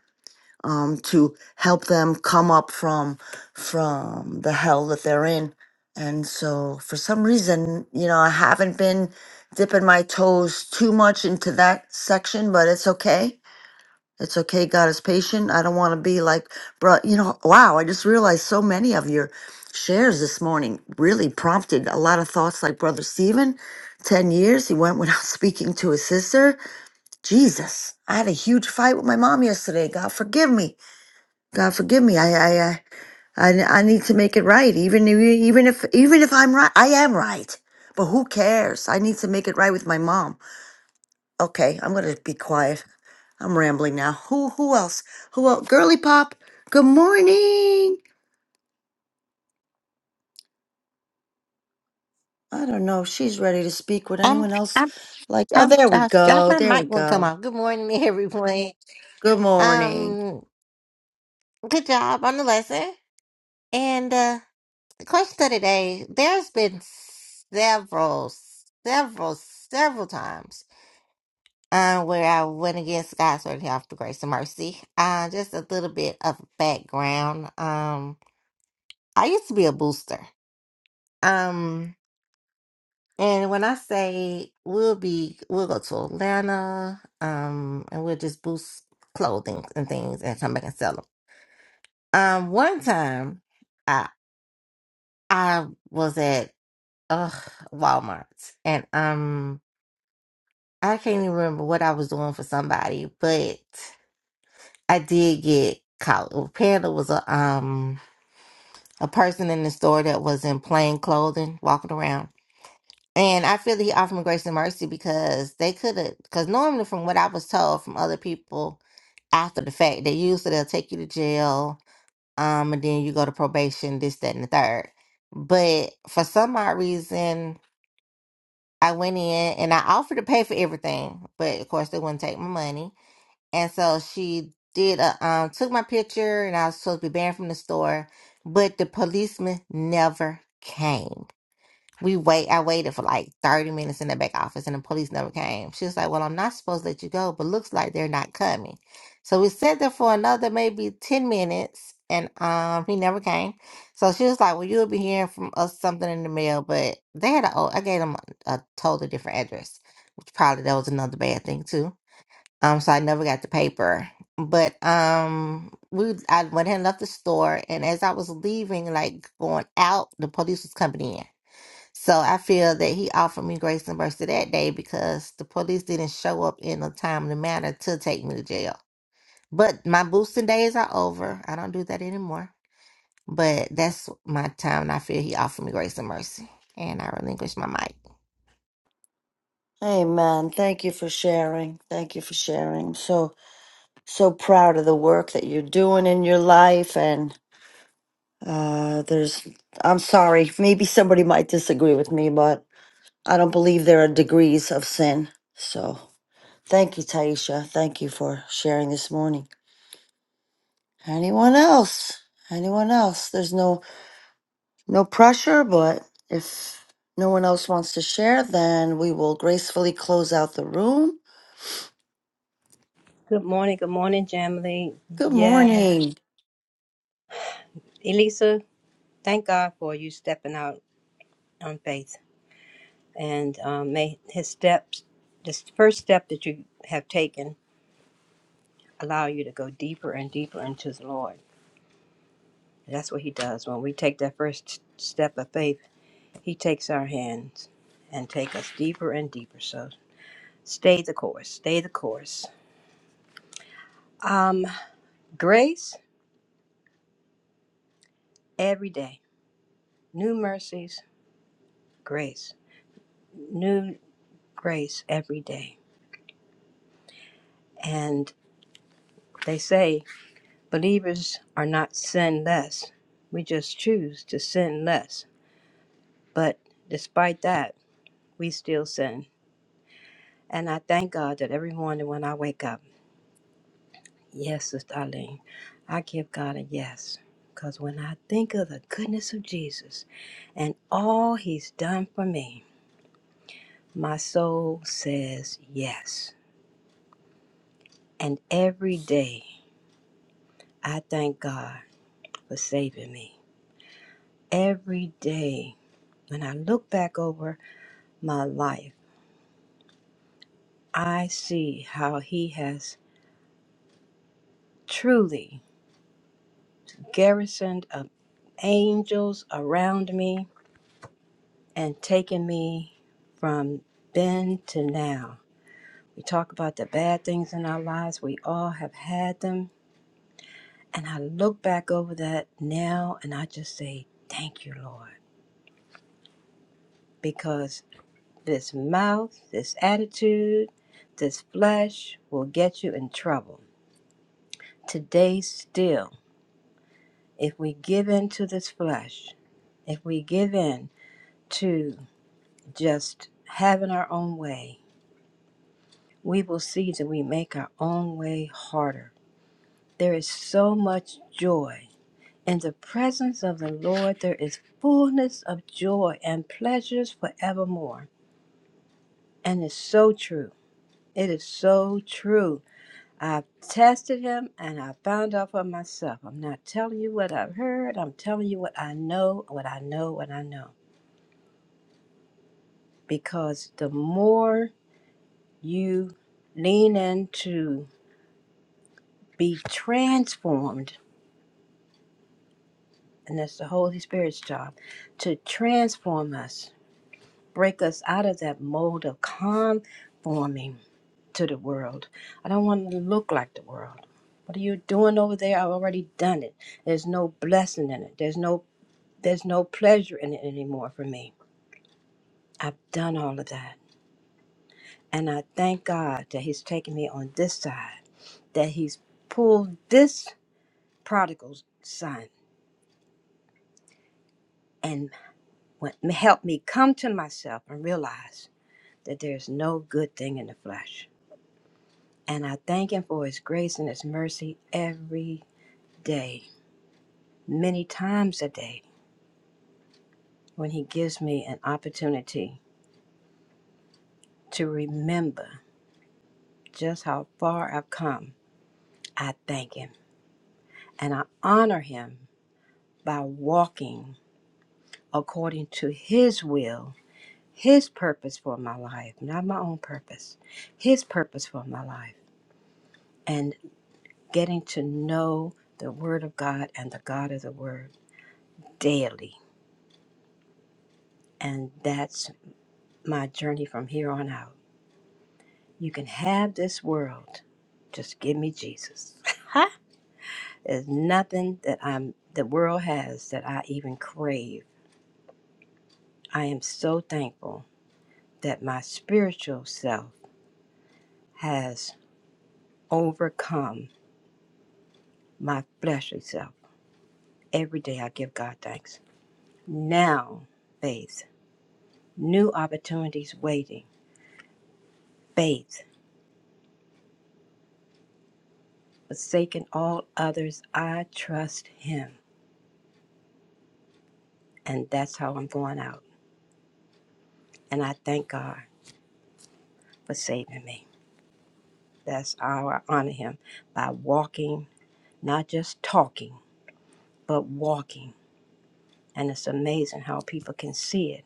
Speaker 3: um, to help them come up from from the hell that they're in. And so, for some reason, you know, I haven't been dipping my toes too much into that section, but it's okay it's okay. God is patient. I don't want to be like, bro, you know, wow, I just realized so many of your shares this morning really prompted a lot of thoughts like Brother Stephen. 10 years he went without speaking to his sister. Jesus, I had a huge fight with my mom yesterday. God forgive me. God forgive me. I, I, I, I I need to make it right. Even, if- even if, even if I'm right, I am right. But who cares? I need to make it right with my mom. Okay, I'm going to be quiet. I'm rambling now. Who who else? Who else? Girly Pop. Good morning. I don't know if she's ready to speak. Would
Speaker 10: I'm
Speaker 3: anyone else
Speaker 10: I'm
Speaker 3: like? Oh,
Speaker 10: I'm
Speaker 3: there we
Speaker 10: just I,
Speaker 3: go.
Speaker 10: my
Speaker 3: There we
Speaker 10: mic won't come
Speaker 3: go.
Speaker 10: off. Good morning, everyone.
Speaker 3: Good morning.
Speaker 10: Um, good job on the lesson. And uh, the question of the day: There's been several, several, several times uh, where I went against God's word, help, the grace, and mercy. Uh, just a little bit of background. Um, I used to be a booster. Um, And when I say we'll be, we'll go to Atlanta, um, and we'll just boost clothing and things and come back and sell them. Um, one time, I I was at uh Walmart, and um, I can't even remember what I was doing for somebody, but I did get caught. well, Panda was a um a person in the store that was in plain clothing walking around And I feel he offered me grace and mercy because they could have, because normally, from what I was told from other people after the fact, they usually they'll take you to jail, um, and then you go to probation, this, that, and the third. But for some odd reason, I went in and I offered to pay for everything, but of course they wouldn't take my money. And so she did, a, um, took my picture, and I was supposed to be banned from the store, but the policeman never came. We wait. I waited for like 30 minutes in the back office and the police never came. She was like, Well, I'm not supposed to let you go, but looks like they're not coming. So we sat there for another maybe 10 minutes and um he never came. So she was like, Well, you'll be hearing from us something in the mail, but they had a oh, I gave them a, a totally different address, which probably that was another bad thing too. Um, so I never got the paper. But um we I went ahead and left the store and as I was leaving, like going out, the police was coming in. So I feel that he offered me grace and mercy that day because the police didn't show up in a timely manner to take me to jail. But my boosting days are over. I don't do that anymore. But that's my time, and I feel he offered me grace and mercy. And I relinquished my mic.
Speaker 3: Amen. Thank you for sharing. Thank you for sharing. So so proud of the work that you're doing in your life. And uh, there's. I'm sorry. Maybe somebody might disagree with me, but I don't believe there are degrees of sin. So thank you, Taisha. Thank you for sharing this morning. Anyone else? Anyone else? There's no no pressure, but if no one else wants to share, then we will gracefully close out the room.
Speaker 11: Good morning. Good morning, Jamily.
Speaker 3: Good
Speaker 11: Yes.
Speaker 3: morning.
Speaker 11: Elisa, thank God for you stepping out on faith. And um, may his steps, this first step that you have taken, allow you to go deeper and deeper into the Lord. That's what he does. When we take that first step of faith, he takes our hands and take us deeper and deeper. So stay the course. Stay the course. Um, grace every day. New mercies, grace. New grace every day And they say believers are not sinless. We just choose to sin less. But despite that, we still sin. And I thank God that every morning when I wake up, yes, Sister Eileen, I give God a yes. Because when I think of the goodness of Jesus and all he's done for me, my soul says yes. And every day, I thank God for saving me. Every day When I look back over my life, I see how He has truly garrisoned of angels around me and taken me from then to now. We talk about the bad things in our lives, we all have had them. And I look back over that now and I just say, Thank you, Lord. Because this mouth, this attitude, this flesh will get you in trouble. Today, still. If we give in to this flesh, if we give in to just having our own way, we will see that we make our own way harder. There is so much joy. In the presence of the Lord, there is fullness of joy and pleasures forevermore. And it's so true. It is so true. I've tested him and I found out for myself. I'm not telling you what I've heard. I'm telling you what I know, what I know, what I know. because the more you lean in to be transformed, and that's the Holy Spirit's job to transform us, break us out of that mold of conforming to the world. I don't want to look like the world. What are you doing over there? I've already done it. There's no blessing in it. There's no there's no pleasure in it anymore for me. I've done all of that. And I thank God that He's taking me on this side that he's pulled this prodigal son and went, helped me come to myself and realize that there's no good thing in the flesh. And I thank him for his grace and his mercy every day, many times a day, when he gives me an opportunity to remember just how far I've come. I thank him and I honor him by walking according to his will His purpose for my life, not my own purpose. His purpose for my life. And getting to know the Word of God and the God of the Word daily. And that's my journey from here on out. You can have this world. Just give me Jesus. There's nothing that I'm the world has that I even crave. I am so thankful that my spiritual self has overcome my fleshly self Every day I give God thanks. Now, faith, new opportunities waiting. Faith, forsaking all others, I trust Him. And that's how I'm going out. And I thank God for saving me. That's how I honor Him by walking, not just talking, but walking. And it's amazing how people can see it,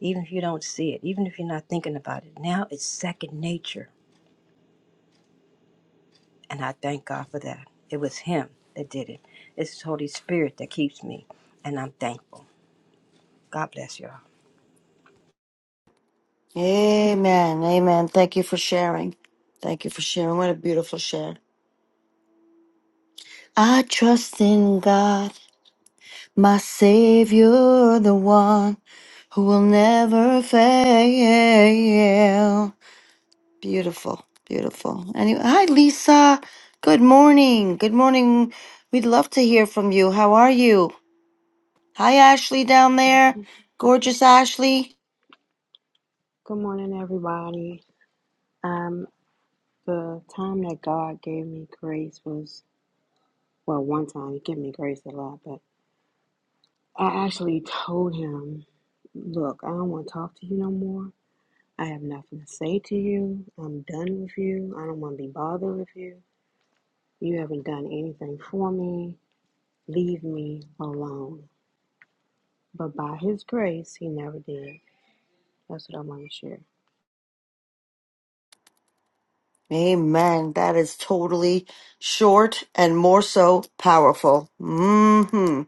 Speaker 11: even if you don't see it, even if you're not thinking about it. Now it's second nature And I thank God for that. It was Him that did it. It's His Holy Spirit that keeps me. And I'm thankful. God bless y'all.
Speaker 3: Amen. Amen. Thank you for sharing. Thank you for sharing. What a beautiful share. I trust in God, my Savior, the one who will never fail. Beautiful, beautiful. Anyway, hi Lisa. Good morning. Good morning. We'd love to hear from you. How are you? Hi Ashley down there. Gorgeous Ashley.
Speaker 12: Good morning, everybody. Um, the time that God gave me grace was, well, one time He gave me grace a lot, but I actually told Him, Look, I don't want to talk to you no more. I have nothing to say to you. I'm done with you. I don't want to be bothered with you. You haven't done anything for me. Leave me alone. But by His grace, He never did. That's what I want to share.
Speaker 3: Amen. That is totally short and more so powerful. Mm-hmm.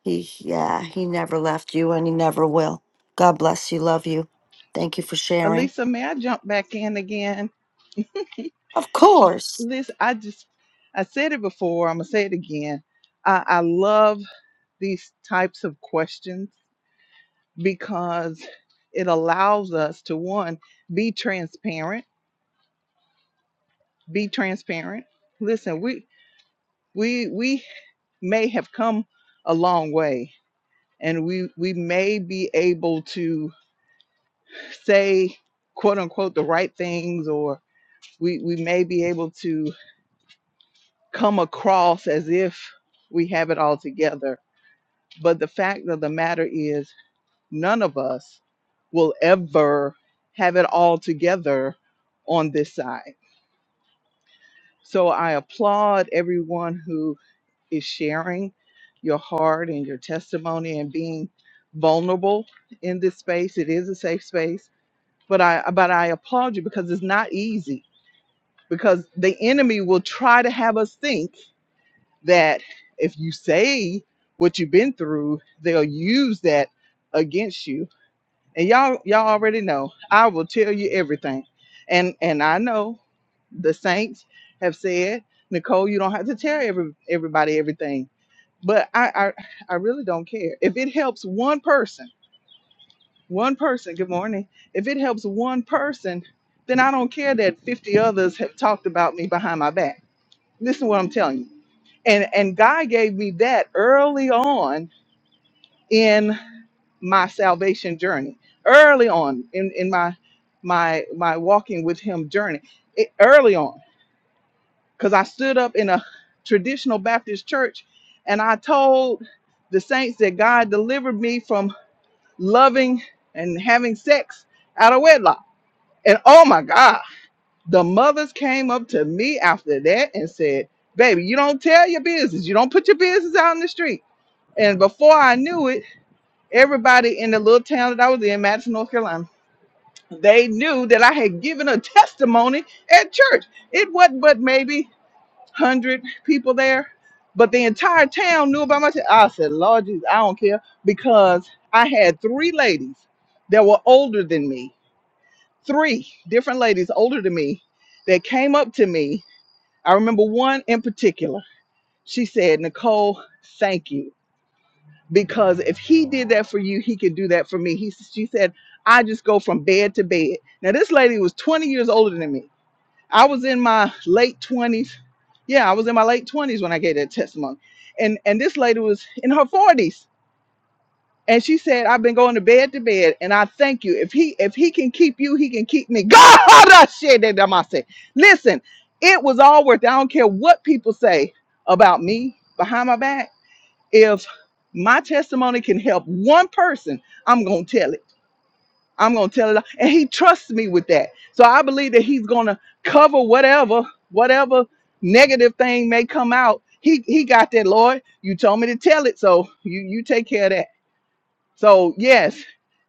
Speaker 3: He yeah, he never left you and he never will. God bless you. Love you. Thank you for sharing.
Speaker 1: Alisa, may I jump back in again?
Speaker 3: Of course.
Speaker 1: Listen, I just I said it before. I'm gonna say it again. I, I love these types of questions because it allows us to one be transparent be transparent. Listen, we we we may have come a long way and we we may be able to say quote unquote the right things or we we may be able to come across as if we have it all together but the fact of the matter is none of us will ever have it all together on this side so i applaud everyone who. is sharing your heart and your testimony and being vulnerable in this space. It is a safe space, but I but I applaud you because it's not easy because the enemy will try to have us think that if you say what you've been through, they'll use that against you and y'all y'all already know. I will tell you everything. And and I know the saints have said, Nicole, you don't have to tell every everybody everything. But I, I I really don't care. If it helps one person, one person, good morning. If it helps one person, then I don't care that 50 others have talked about me behind my back. Listen to what I'm telling you. And and God gave me that early on in my salvation journey early on in, in my my my walking with him journey it, early on because i stood up in a traditional baptist church and i told the saints that god delivered me from loving and having sex out of wedlock and oh my god the mothers came up to me after that and said baby you don't tell your business you don't put your business out in the street and before i knew it Everybody in the little town that I was in, Madison, North Carolina, they knew that I had given a testimony at church. It wasn't but maybe 100 people there, but the entire town knew about my te- I said, Lord Jesus, I don't care because I had three ladies that were older than me, three different ladies older than me that came up to me. I remember one in particular. She said, Nicole, thank you. because if he did that for you, he could do that for me. He she said, I just go from bed to bed. Now this lady was 20 years older than me. I was in my late 20s. Yeah, I was in my late 20s when I gave that testimony. And and this lady was in her 40s. And she said, I've been going to bed to bed, and I thank you. If he if he can keep you, he can keep me. God, I said that to myself. Listen, it was all worth it. I don't care what people say about me behind my back if my testimony can help one person, I'm going to tell it. I'm going to tell it. And he trusts me with that. So I believe that he's going to cover whatever, whatever negative thing may come out. He, he got that, Lord. You told me to tell it. So you, you take care of that. So, yes,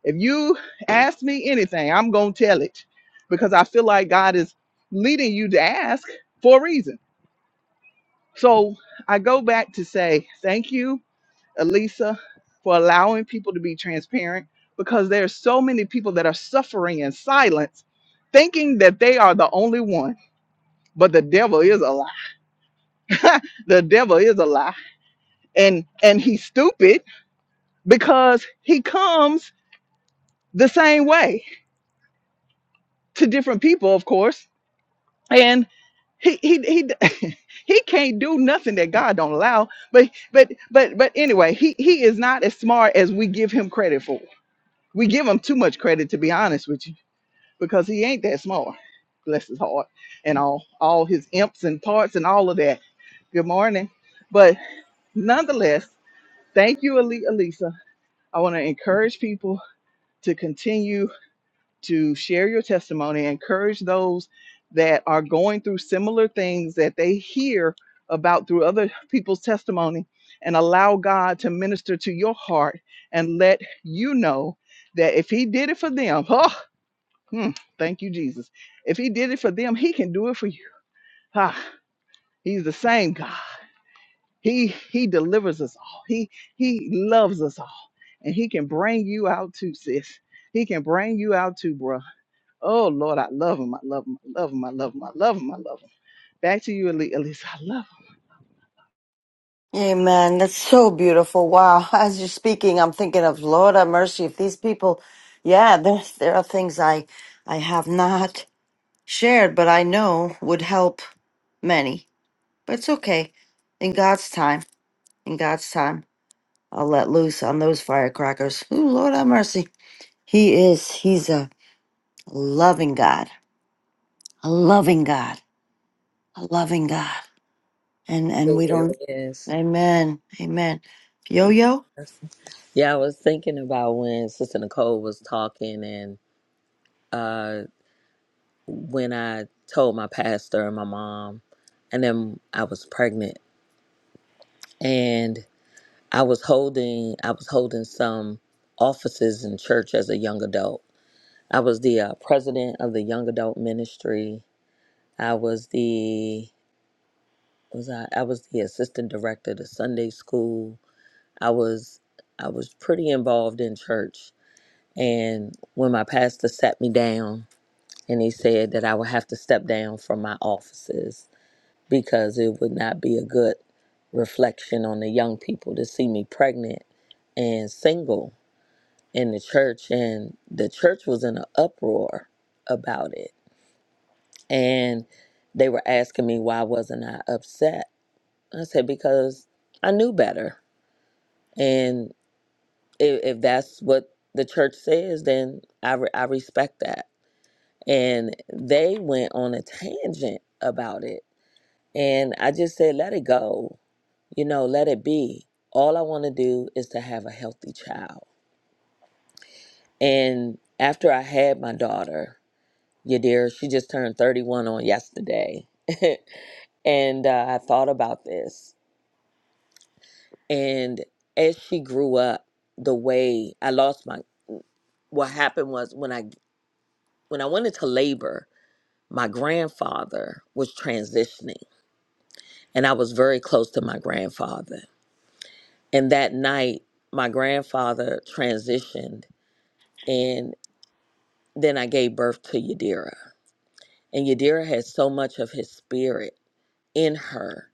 Speaker 1: if you ask me anything, I'm going to tell it because I feel like God is leading you to ask for a reason. So I go back to say, thank you Elisa, for allowing people to be transparent because there are so many people that are suffering in silence, thinking that they are the only one. But the devil is a lie. the devil is a lie. And and he's stupid because he comes the same way to different people, of course. And he he he he can't do nothing that God don't allow. But but but but anyway, he he is not as smart as we give him credit for. We give him too much credit, to be honest with you because he ain't that smart. Bless his heart and all all his imps and parts and all of that. Good morning. But nonetheless, thank you, Ali- Alisa. I want to encourage people to continue to share your testimony, encourage those that are going through similar things that they hear about through other people's testimony, and allow God to minister to your heart and let you know that if He did it for them, Hmm, thank you, Jesus. If he did it for them, he can do it for you. Ah, he's the same God. He he delivers us all. He he loves us all. And he can bring you out too, sis. He can bring you out too, bruh. Oh Lord, I love him. I love him. I love him. I love him. I love him. I love him. Back to you, Elise. Elisa. I love him.
Speaker 3: Amen. That's so beautiful. Wow. As you're speaking, I'm thinking of Lord have mercy. If these people, yeah, there, there are things I, I have not shared, but I know would help many. But it's okay. In God's time, in God's time, I'll let loose on those firecrackers. Ooh, Lord have mercy. He is, he's a loving God, a loving God, a loving God. And, and we
Speaker 6: It
Speaker 3: don't,
Speaker 6: is.
Speaker 3: amen, amen. Yo, yo.
Speaker 6: Yeah, I was thinking about when Sister Nicole was talking, and uh, when I told my pastor and my mom, and then I was pregnant, and I was holding I was holding some offices in church as a young adult. I was the uh, president of the young adult ministry. I was the was I, I was the assistant director of the Sunday school I was I was pretty involved in church and when my pastor sat me down and he said that I would have to step down from my offices because it would not be a good reflection on the young people to see me pregnant and single in the church and the church was in an uproar about it and they were asking me why wasn't I upset I said because I knew better if, if that's what the church says, then I, re- I respect that. And they went on a tangent about it. And I just said, let it go, you know, let it be. All I want to do is to have a healthy child. And after I had my daughter, Yadira, she just turned 31 on yesterday. and uh, I thought about this. And as she grew up, the way I lost my, what happened was when I when I went into labor, my grandfather was transitioning and I was very close to my grandfather. And that night, my grandfather transitioned and then I gave birth to Yadira. And Yadira had so much of his spirit in her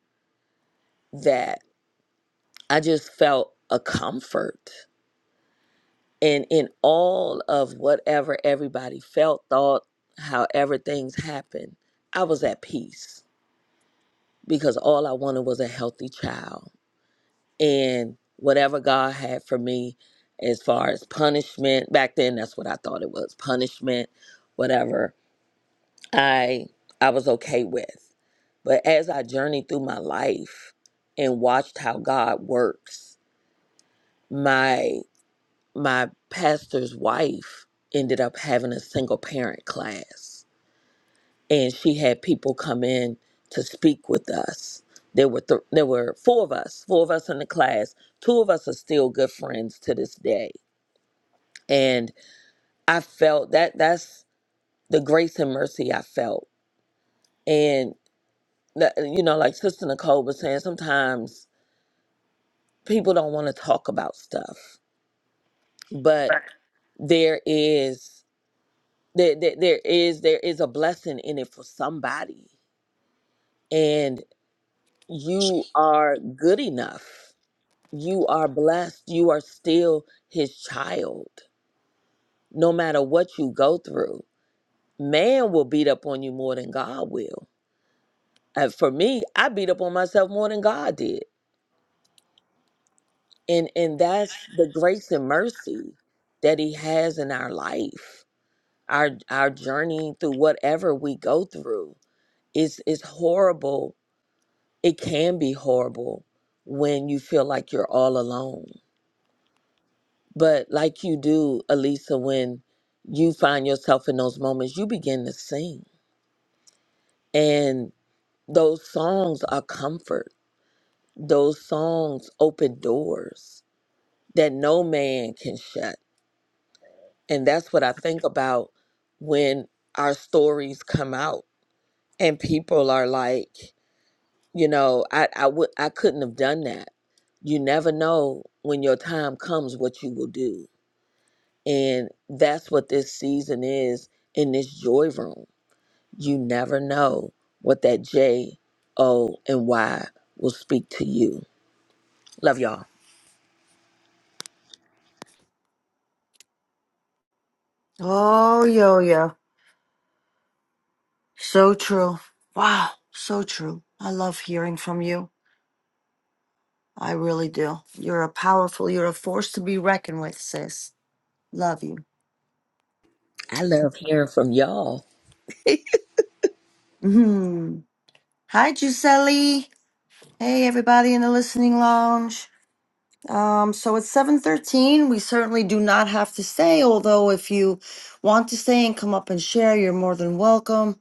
Speaker 6: that I just felt a comfort. And in all of whatever everybody felt, thought, however things happened, I was at peace because all I wanted was a healthy child and whatever God had for me as far as punishment back then that's what I thought it was punishment whatever I I was okay with but as I journeyed through my life and watched how God works my my pastor's wife ended up having a single parent class and she had people come in to speak with us. There were th- there were four of us, four of us in the class. Two of us are still good friends to this day, and I felt that that's the grace and mercy I felt. And that, you know, like Sister Nicole was saying, sometimes people don't want to talk about stuff, but there is there, there there is there is a blessing in it for somebody, and you are good enough you are blessed. You are still his child, no matter what you go through. Man will beat up on you more than God will. Uh, for me, I beat up on myself more than God did. And and that's the grace and mercy that he has in our life. Our our journey through whatever we go through is is horrible. It can be horrible when you feel like you're all alone But like you do, Elisa, when you find yourself in those moments, you begin to sing. And those songs are comfort. Those songs open doors that no man can shut. And that's what I think about when our stories come out and people are like, you know, I I would I couldn't have done that. You never know when your time comes what you will do. And that's what this season is in this joy room You never know what that J, O, and Y will speak to you. Love y'all.
Speaker 3: Oh, yo, yo. So true. Wow. So true. I love hearing from you. I really do. You're a powerful, you're a force to be reckoned with, sis. Love you.
Speaker 6: I love hearing from y'all.
Speaker 3: hmm Hi, Giuseppe. Hey, everybody in the listening lounge. Um, so it's 7.13. We certainly do not have to stay, although if you want to stay and come up and share, you're more than welcome.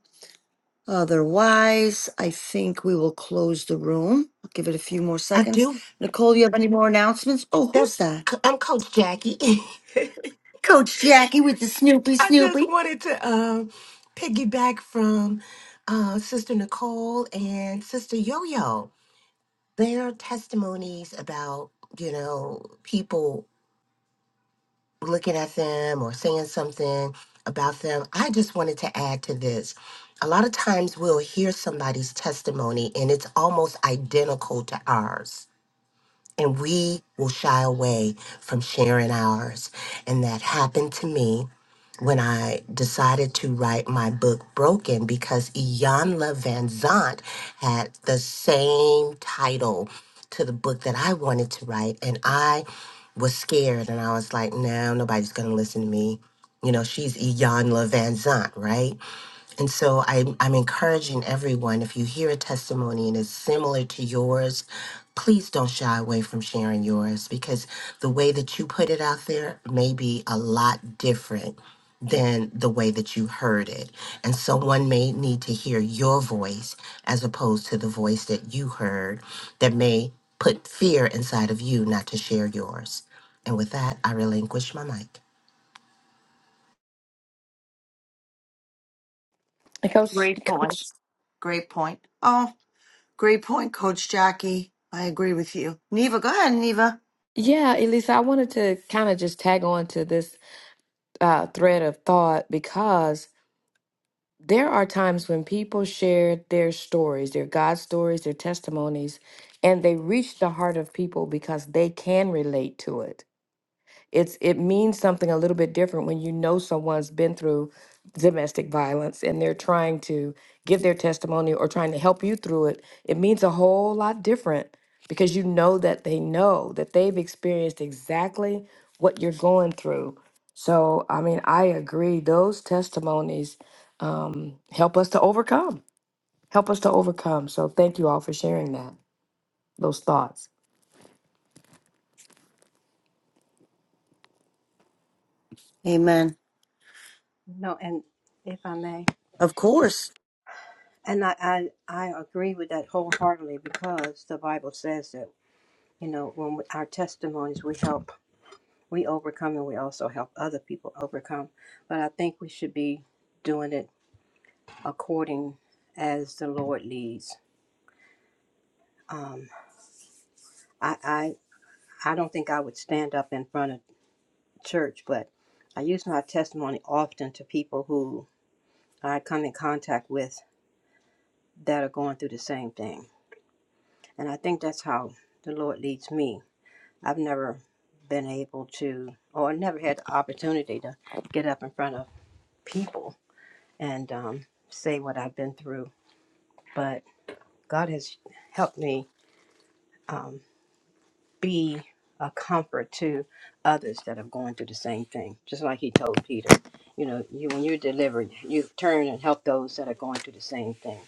Speaker 3: Otherwise, I think we will close the room. I'll give it a few more
Speaker 5: I
Speaker 3: seconds.
Speaker 5: do.
Speaker 3: Nicole, you have any more announcements? Oh, who's
Speaker 5: That's
Speaker 3: that?
Speaker 5: I'm Coach Jackie.
Speaker 3: Coach Jackie with the Snoopy
Speaker 5: I just
Speaker 3: Snoopy.
Speaker 5: wanted to um, piggyback from uh, Sister Nicole and Sister Yo Yo. Their testimonies about you know people looking at them or saying something about them. I just wanted to add to this. A lot of times we'll hear somebody's testimony and it's almost identical to ours. And we will shy away from sharing ours. And that happened to me when I decided to write my book Broken because Iyanla Van Zant had the same title to the book that I wanted to write. And I was scared and I was like, no, nobody's going to listen to me. You know, she's Iyanla Van Zant, right? And so I'm, I'm encouraging everyone, if you hear a testimony and it's similar to yours, please don't shy away from sharing yours because the way that you put it out there may be a lot different than the way that you heard it. And someone may need to hear your voice as opposed to the voice that you heard that may put fear inside of you not to share yours. And with that, I relinquish my mic.
Speaker 8: Coach,
Speaker 3: Great point.
Speaker 8: Coach.
Speaker 3: Great point. Oh, great point, Coach Jackie. I agree with you. Neva, go ahead, Neva.
Speaker 8: Yeah, Elisa, I wanted to kind of just tag on to this uh, thread of thought because there are times when people share their stories, their God stories, their testimonies, and they reach the heart of people because they can relate to it. it's it means something a little bit different when you know someone's been through domestic violence and they're trying to give their testimony or trying to help you through it it means a whole lot different because you know that they know that they've experienced exactly what you're going through so i mean i agree those testimonies um, help us to overcome help us to overcome so thank you all for sharing that those thoughts
Speaker 3: Amen.
Speaker 11: No, and if I may,
Speaker 3: Of course.
Speaker 11: and I, I, I agree with that wholeheartedly because the Bible says that, you know, when we, our testimonies, we help, we overcome, and we also help other people overcome. But I think we should be doing it according as the Lord leads. Um, I, I, I don't think I would stand up in front of church, but I use my testimony often to people who I come in contact with that are going through the same thing. And I think that's how the Lord leads me. I've never been able to, or never had the opportunity to get up in front of people and um, say what I've been through. But God has helped me um, be a comfort to others that are going through the same thing. Just like he told Peter, you know, you when you're delivered, you turn and help those that are going through the same thing.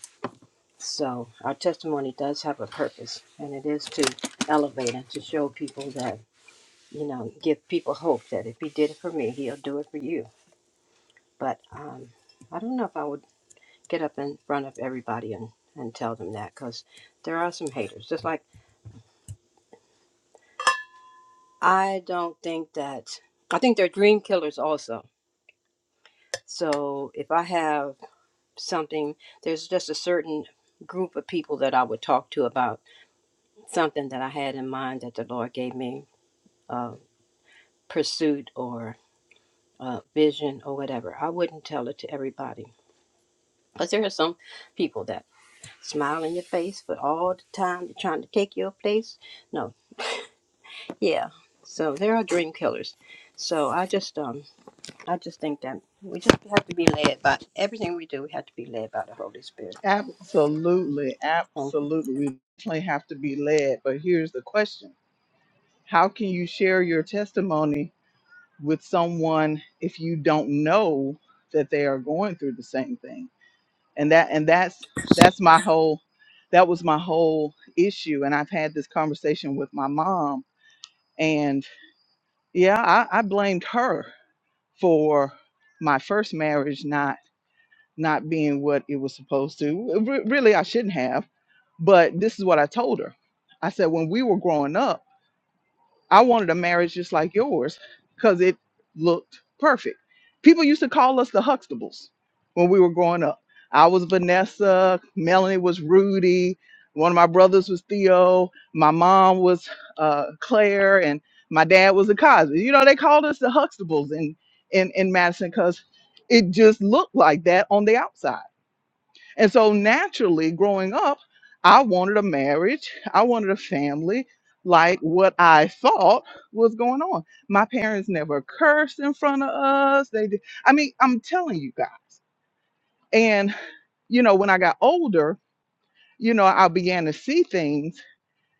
Speaker 11: So our testimony does have a purpose, and it is to elevate and to show people that you know, give people hope that if he did it for me, he'll do it for you. But um, I don't know if I would get up in front of everybody and and tell them that because there are some haters. Just like I don't think that I think they're dream killers also So if I have something, there's just a certain group of people that I would talk to about something that I had in mind that the Lord gave me uh, pursuit or uh, vision or whatever. I wouldn't tell it to everybody. But there are some people that smile in your face, but all the time they're trying to take your place. No, yeah. So there are dream killers. So I just, um, I just think that we just have to be led by everything we do. We have to be led by the Holy Spirit.
Speaker 1: Absolutely,
Speaker 11: Thank you.
Speaker 1: absolutely. We definitely have to be led. But here's the question How can you share your testimony with someone if you don't know that they are going through the same thing? and that and that's that's my whole that was my whole issue and i've had this conversation with my mom and yeah i, I blamed her for my first marriage not not being what it was supposed to Re- really i shouldn't have but this is what i told her i said when we were growing up I wanted a marriage just like yours because it looked perfect. People used to call us the Huxtables when we were growing up. I was Vanessa, Melanie was Rudy, one of my brothers was Theo, my mom was uh, Claire, and my dad was the Cosby. You know, they called us the Huxtables in in, in Madison because it just looked like that on the outside and so naturally, growing up, I wanted a marriage, I wanted a family like what I thought was going on. My parents never cursed in front of us. They did. I mean, I'm telling you guys. And you know, when I got older, you know, I began to see things.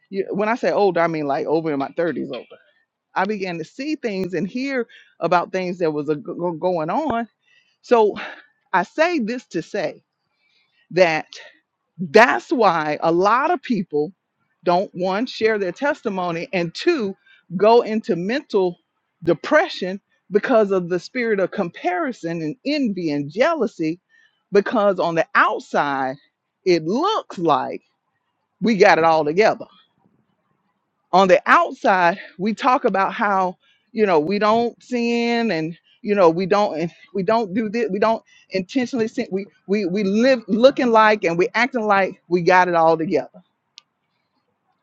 Speaker 1: You- When I say older, I mean like over in my 30s older. I began to see things and hear about things that was a, go- going on. So I say this to say that That's why a lot of people don't one share their testimony and two go into mental depression because of the spirit of comparison and envy and jealousy because on the outside it looks like we got it all together. On the outside we talk about how you know we don't sin and you know we don't and we don't do this we don't intentionally sin we we we live looking like and we acting like we got it all together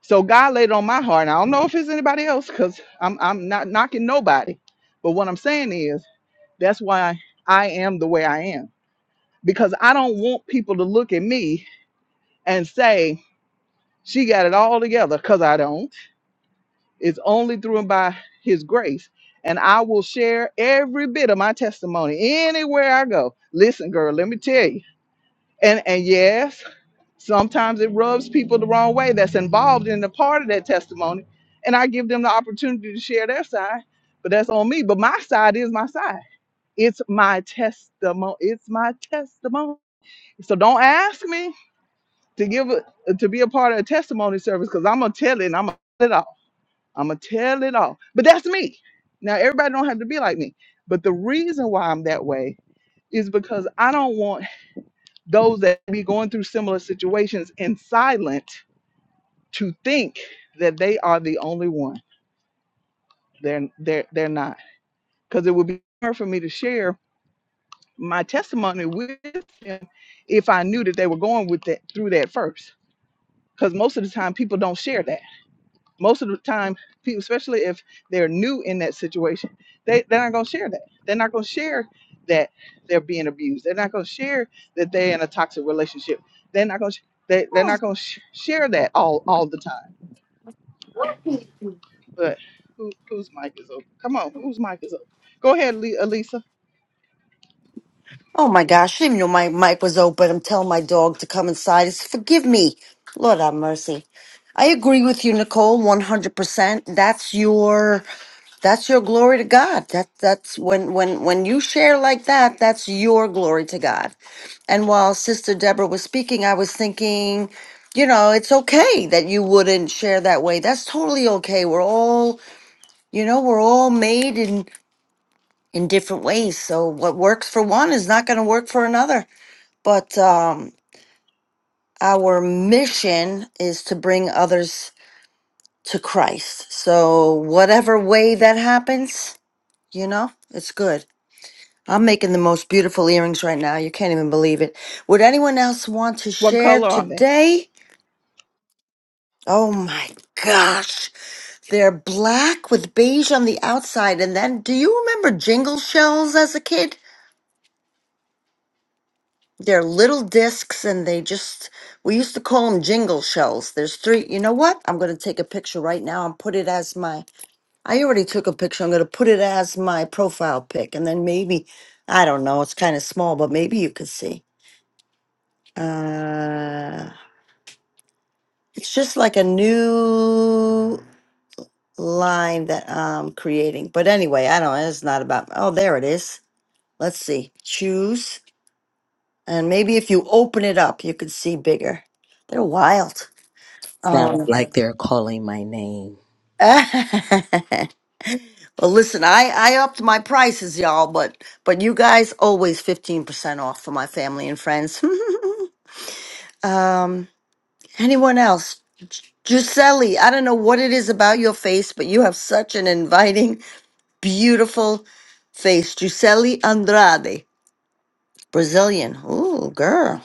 Speaker 1: So God laid it on my heart. And I don't know if it's anybody else because I'm I'm not knocking nobody. But what I'm saying is that's why I am the way I am. Because I don't want people to look at me and say, she got it all together, because I don't. It's only through and by his grace. And I will share every bit of my testimony anywhere I go. Listen, girl, let me tell you. And and yes, sometimes it rubs people the wrong way that's involved in the part of that testimony. And I give them the opportunity to share their side, but that's on me. But my side is my side. It's my testimony. It's my testimony. So don't ask me to give a, to be a part of a testimony service because I'm gonna tell it and I'm gonna tell it all. I'm gonna tell it all. But that's me. Now everybody don't have to be like me. But the reason why I'm that way is because I don't want those that be going through similar situations in silent to think that they are the only one. They're they're they're not. Because it would be hard for me to share my testimony with them if I knew that they were going with that through that first. Because most of the time people don't share that most of the time people especially if they're new in that situation they, they're not going to share that they're not going to share that they're being abused they're not going to share that they're in a toxic relationship they're not going to they, they're not going to sh- share that all all the time but who, whose mic is open come on whose mic is open go ahead Le- elisa
Speaker 3: Oh my gosh, I didn't even know my mic was open. I'm telling my dog to come inside. It's, Forgive me. Lord have mercy. I agree with you, Nicole, 100%. That's your that's your glory to God. That that's when when when you share like that, that's your glory to God. And while Sister Deborah was speaking, I was thinking, you know, it's okay that you wouldn't share that way. That's totally okay. We're all, you know, we're all made in in different ways. So what works for one is not going to work for another. But um our mission is to bring others to Christ. So whatever way that happens, you know, it's good. I'm making the most beautiful earrings right now. You can't even believe it. Would anyone else want to
Speaker 1: what
Speaker 3: share
Speaker 1: color are they
Speaker 3: today? Oh my gosh. They're black with beige on the outside. And then, do you remember jingle shells as a kid? They're little discs and they just, we used to call them jingle shells. There's three. You know what? I'm going to take a picture right now and put it as my, I already took a picture. I'm going to put it as my profile pic. And then maybe, I don't know, it's kind of small, but maybe you could see. Uh, it's just like a new line that I'm creating. But anyway, I don't, it's not about, oh, there it is. Let's see, choose. And maybe if you open it up, you can see bigger. They're wild.
Speaker 6: Sounds
Speaker 3: Um,
Speaker 6: like they're calling my name.
Speaker 3: well, listen, I, I upped my prices, y'all, but, but you guys always 15% off for my family and friends. um, anyone else? Gi- Giuseppe, I don't know what it is about your face, but you have such an inviting beautiful face. Gisele Andrade, Brazilian. Ooh, girl.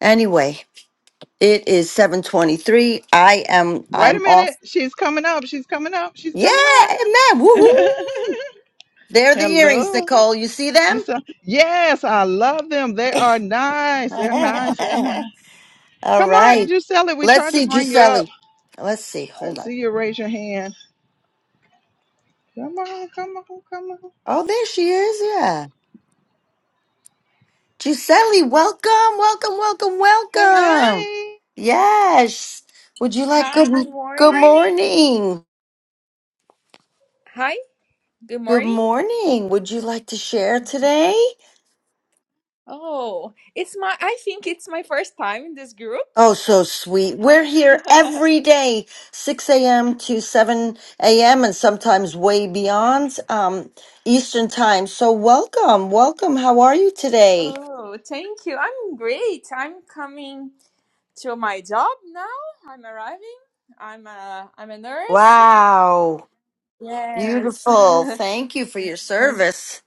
Speaker 3: Anyway, it is 723. I am
Speaker 1: wait
Speaker 3: I'm
Speaker 1: a
Speaker 3: off.
Speaker 1: minute she's coming up she's coming up she's
Speaker 3: Yeah,
Speaker 1: coming up
Speaker 3: amen. Woohoo. They're the earrings,
Speaker 1: hello
Speaker 3: Nicole. You see them?
Speaker 1: just uh, yes i love them they are nice they're nice they're nice
Speaker 3: All
Speaker 1: Come on,
Speaker 3: right.
Speaker 1: Gisela, we
Speaker 3: Let's
Speaker 1: tried to
Speaker 3: see,
Speaker 1: bring you up.
Speaker 3: Gisele. Let's see.
Speaker 1: I
Speaker 3: Hold on.
Speaker 1: see you raise your hand. Come on, come on, come on.
Speaker 3: Oh, there she is. Yeah. Gisele, welcome, welcome, welcome,
Speaker 1: Hey,
Speaker 3: welcome.
Speaker 1: hey.
Speaker 3: Yes. Would you like
Speaker 13: Hi,
Speaker 3: good
Speaker 13: good
Speaker 3: good
Speaker 13: morning.
Speaker 3: morning?
Speaker 13: Hi, good
Speaker 3: Good
Speaker 13: morning.
Speaker 3: morning. Would you like to share today?
Speaker 13: Oh, it's my, I think it's my first time in this group.
Speaker 3: Oh, so sweet.
Speaker 13: Ah.
Speaker 3: We're here every day, 6 a.m. to 7 a.m., and sometimes way beyond um, Eastern time. So, welcome. Welcome. How are you today?
Speaker 13: Oh, thank you. I'm great. I'm coming to my job now. I'm arriving. I'm a, I'm a nurse.
Speaker 3: Wow.
Speaker 13: Yes.
Speaker 3: Beautiful. Thank you for your
Speaker 13: And-
Speaker 3: service.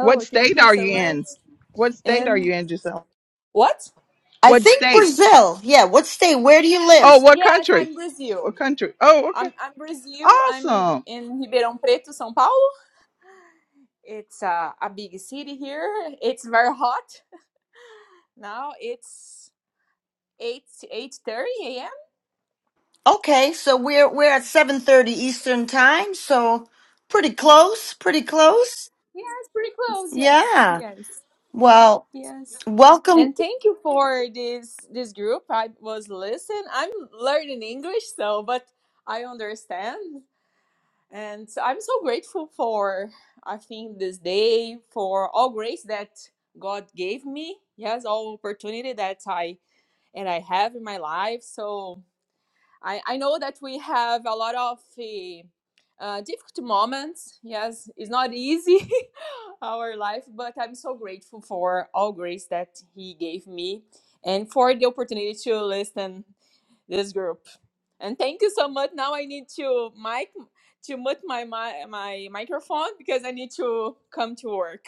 Speaker 1: What
Speaker 13: thank
Speaker 1: state
Speaker 13: you
Speaker 1: are
Speaker 13: so
Speaker 1: you
Speaker 13: much.
Speaker 1: in? What state are
Speaker 13: And
Speaker 1: you in, Gisela?
Speaker 13: what?
Speaker 3: I
Speaker 1: What
Speaker 3: think
Speaker 1: state?
Speaker 3: Brazil. Yeah. What state? Where do you live?
Speaker 1: Oh, what
Speaker 13: Yes,
Speaker 1: country?
Speaker 13: I'm
Speaker 1: What
Speaker 13: Brazil.
Speaker 1: country? Oh,
Speaker 13: I'm,
Speaker 1: okay.
Speaker 13: I'm Brazil. I'm
Speaker 1: Awesome.
Speaker 13: in Ribeirão Preto, São Paulo. It's uh, a big city here. It's very hot. Now it's 8 8:30 a.m.
Speaker 3: Okay. So, we're, we're at 7.30 Eastern time. So, pretty close. Pretty close.
Speaker 13: Yes, pretty close. Yes.
Speaker 3: Yeah.
Speaker 13: Yes.
Speaker 3: Well,
Speaker 13: Yes.
Speaker 3: welcome.
Speaker 13: And thank you for this this group. I was listening. I'm learning English so but I understand and so I'm so grateful for I think this day for all grace that God gave me. Yes, all opportunity that I and I have in my life. So I, I know that we have a lot of eh, uh, difficult moments. Yes, it's not easy, our life, but I'm so grateful for all grace that He gave me and for the opportunity to listen this group. And thank you so much. Now I need to mic to mute my, my my microphone because I need to come to work.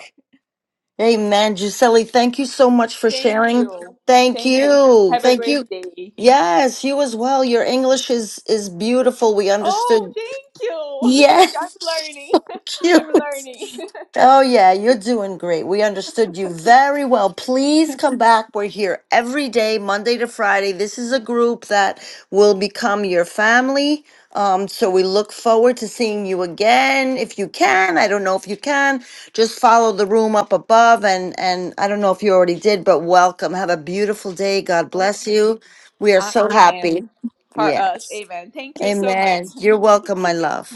Speaker 3: Amen, Gisele. Thank you so much for
Speaker 13: Thank
Speaker 3: sharing.
Speaker 13: you.
Speaker 3: Thank
Speaker 13: Thank you.
Speaker 3: you.
Speaker 13: Have a
Speaker 3: Thank you.
Speaker 13: great day.
Speaker 3: Yes, you as well. Your English is is beautiful. We
Speaker 13: Oh,
Speaker 3: understood.
Speaker 13: thank you. Thank you. I'm
Speaker 3: Yes,
Speaker 13: learning. I'm
Speaker 3: cute.
Speaker 13: learning.
Speaker 3: Oh, yeah, you're doing great. We understood you very well. Please come back. We're here every day, Monday to Friday. This is a group that will become your family. Um, so we look forward to seeing you again if you can. I don't know if you can. Just follow the room up above and and I don't know if you already did, but welcome. Have a beautiful day. God bless
Speaker 13: Okay.
Speaker 3: you. We are
Speaker 13: Uh,
Speaker 3: so happy.
Speaker 13: amen. For us,
Speaker 3: Yes.
Speaker 13: amen. Thank you so much.
Speaker 3: Amen. You're welcome, my love.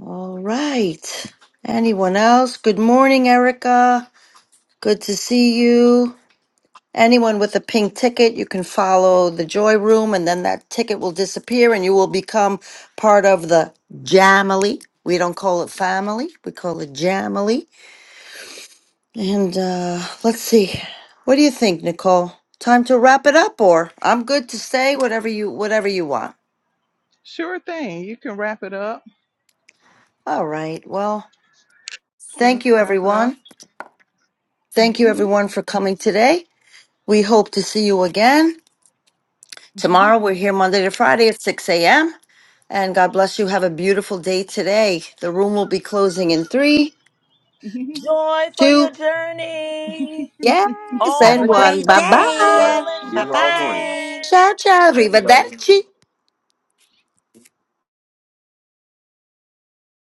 Speaker 3: All right. Anyone else? Good morning, Erica. Good to see you. Anyone with a pink ticket, you can follow the Joy Room, and then that ticket will disappear and you will become part of the Jamily. We don't call it family, we call it Jamily. And uh, let's see. What do you think, Nicole? Time to wrap it up, or I'm good to stay, whatever you whatever you want.
Speaker 1: Sure thing. You can wrap it up.
Speaker 3: All right. Well,
Speaker 1: You can
Speaker 3: thank you
Speaker 1: wrap it up.
Speaker 3: everyone. Thank you everyone for coming today. We hope to see you again tomorrow. We're here Monday to Friday at 6 a.m. And God bless you. Have a beautiful day today. The room will be closing in three,
Speaker 6: Joy for
Speaker 3: two,
Speaker 6: your journey
Speaker 3: yes,
Speaker 6: all
Speaker 10: Have
Speaker 6: the
Speaker 3: and
Speaker 10: a
Speaker 6: way
Speaker 3: one.
Speaker 10: great
Speaker 6: to
Speaker 3: Bye bye.
Speaker 2: Everybody,
Speaker 6: Brazil
Speaker 10: day.
Speaker 6: and
Speaker 2: see you
Speaker 10: Bye
Speaker 2: tomorrow morning.
Speaker 10: bye.
Speaker 6: Japan.
Speaker 3: Ciao, ciao.
Speaker 2: Everybody.
Speaker 3: Arrivederci.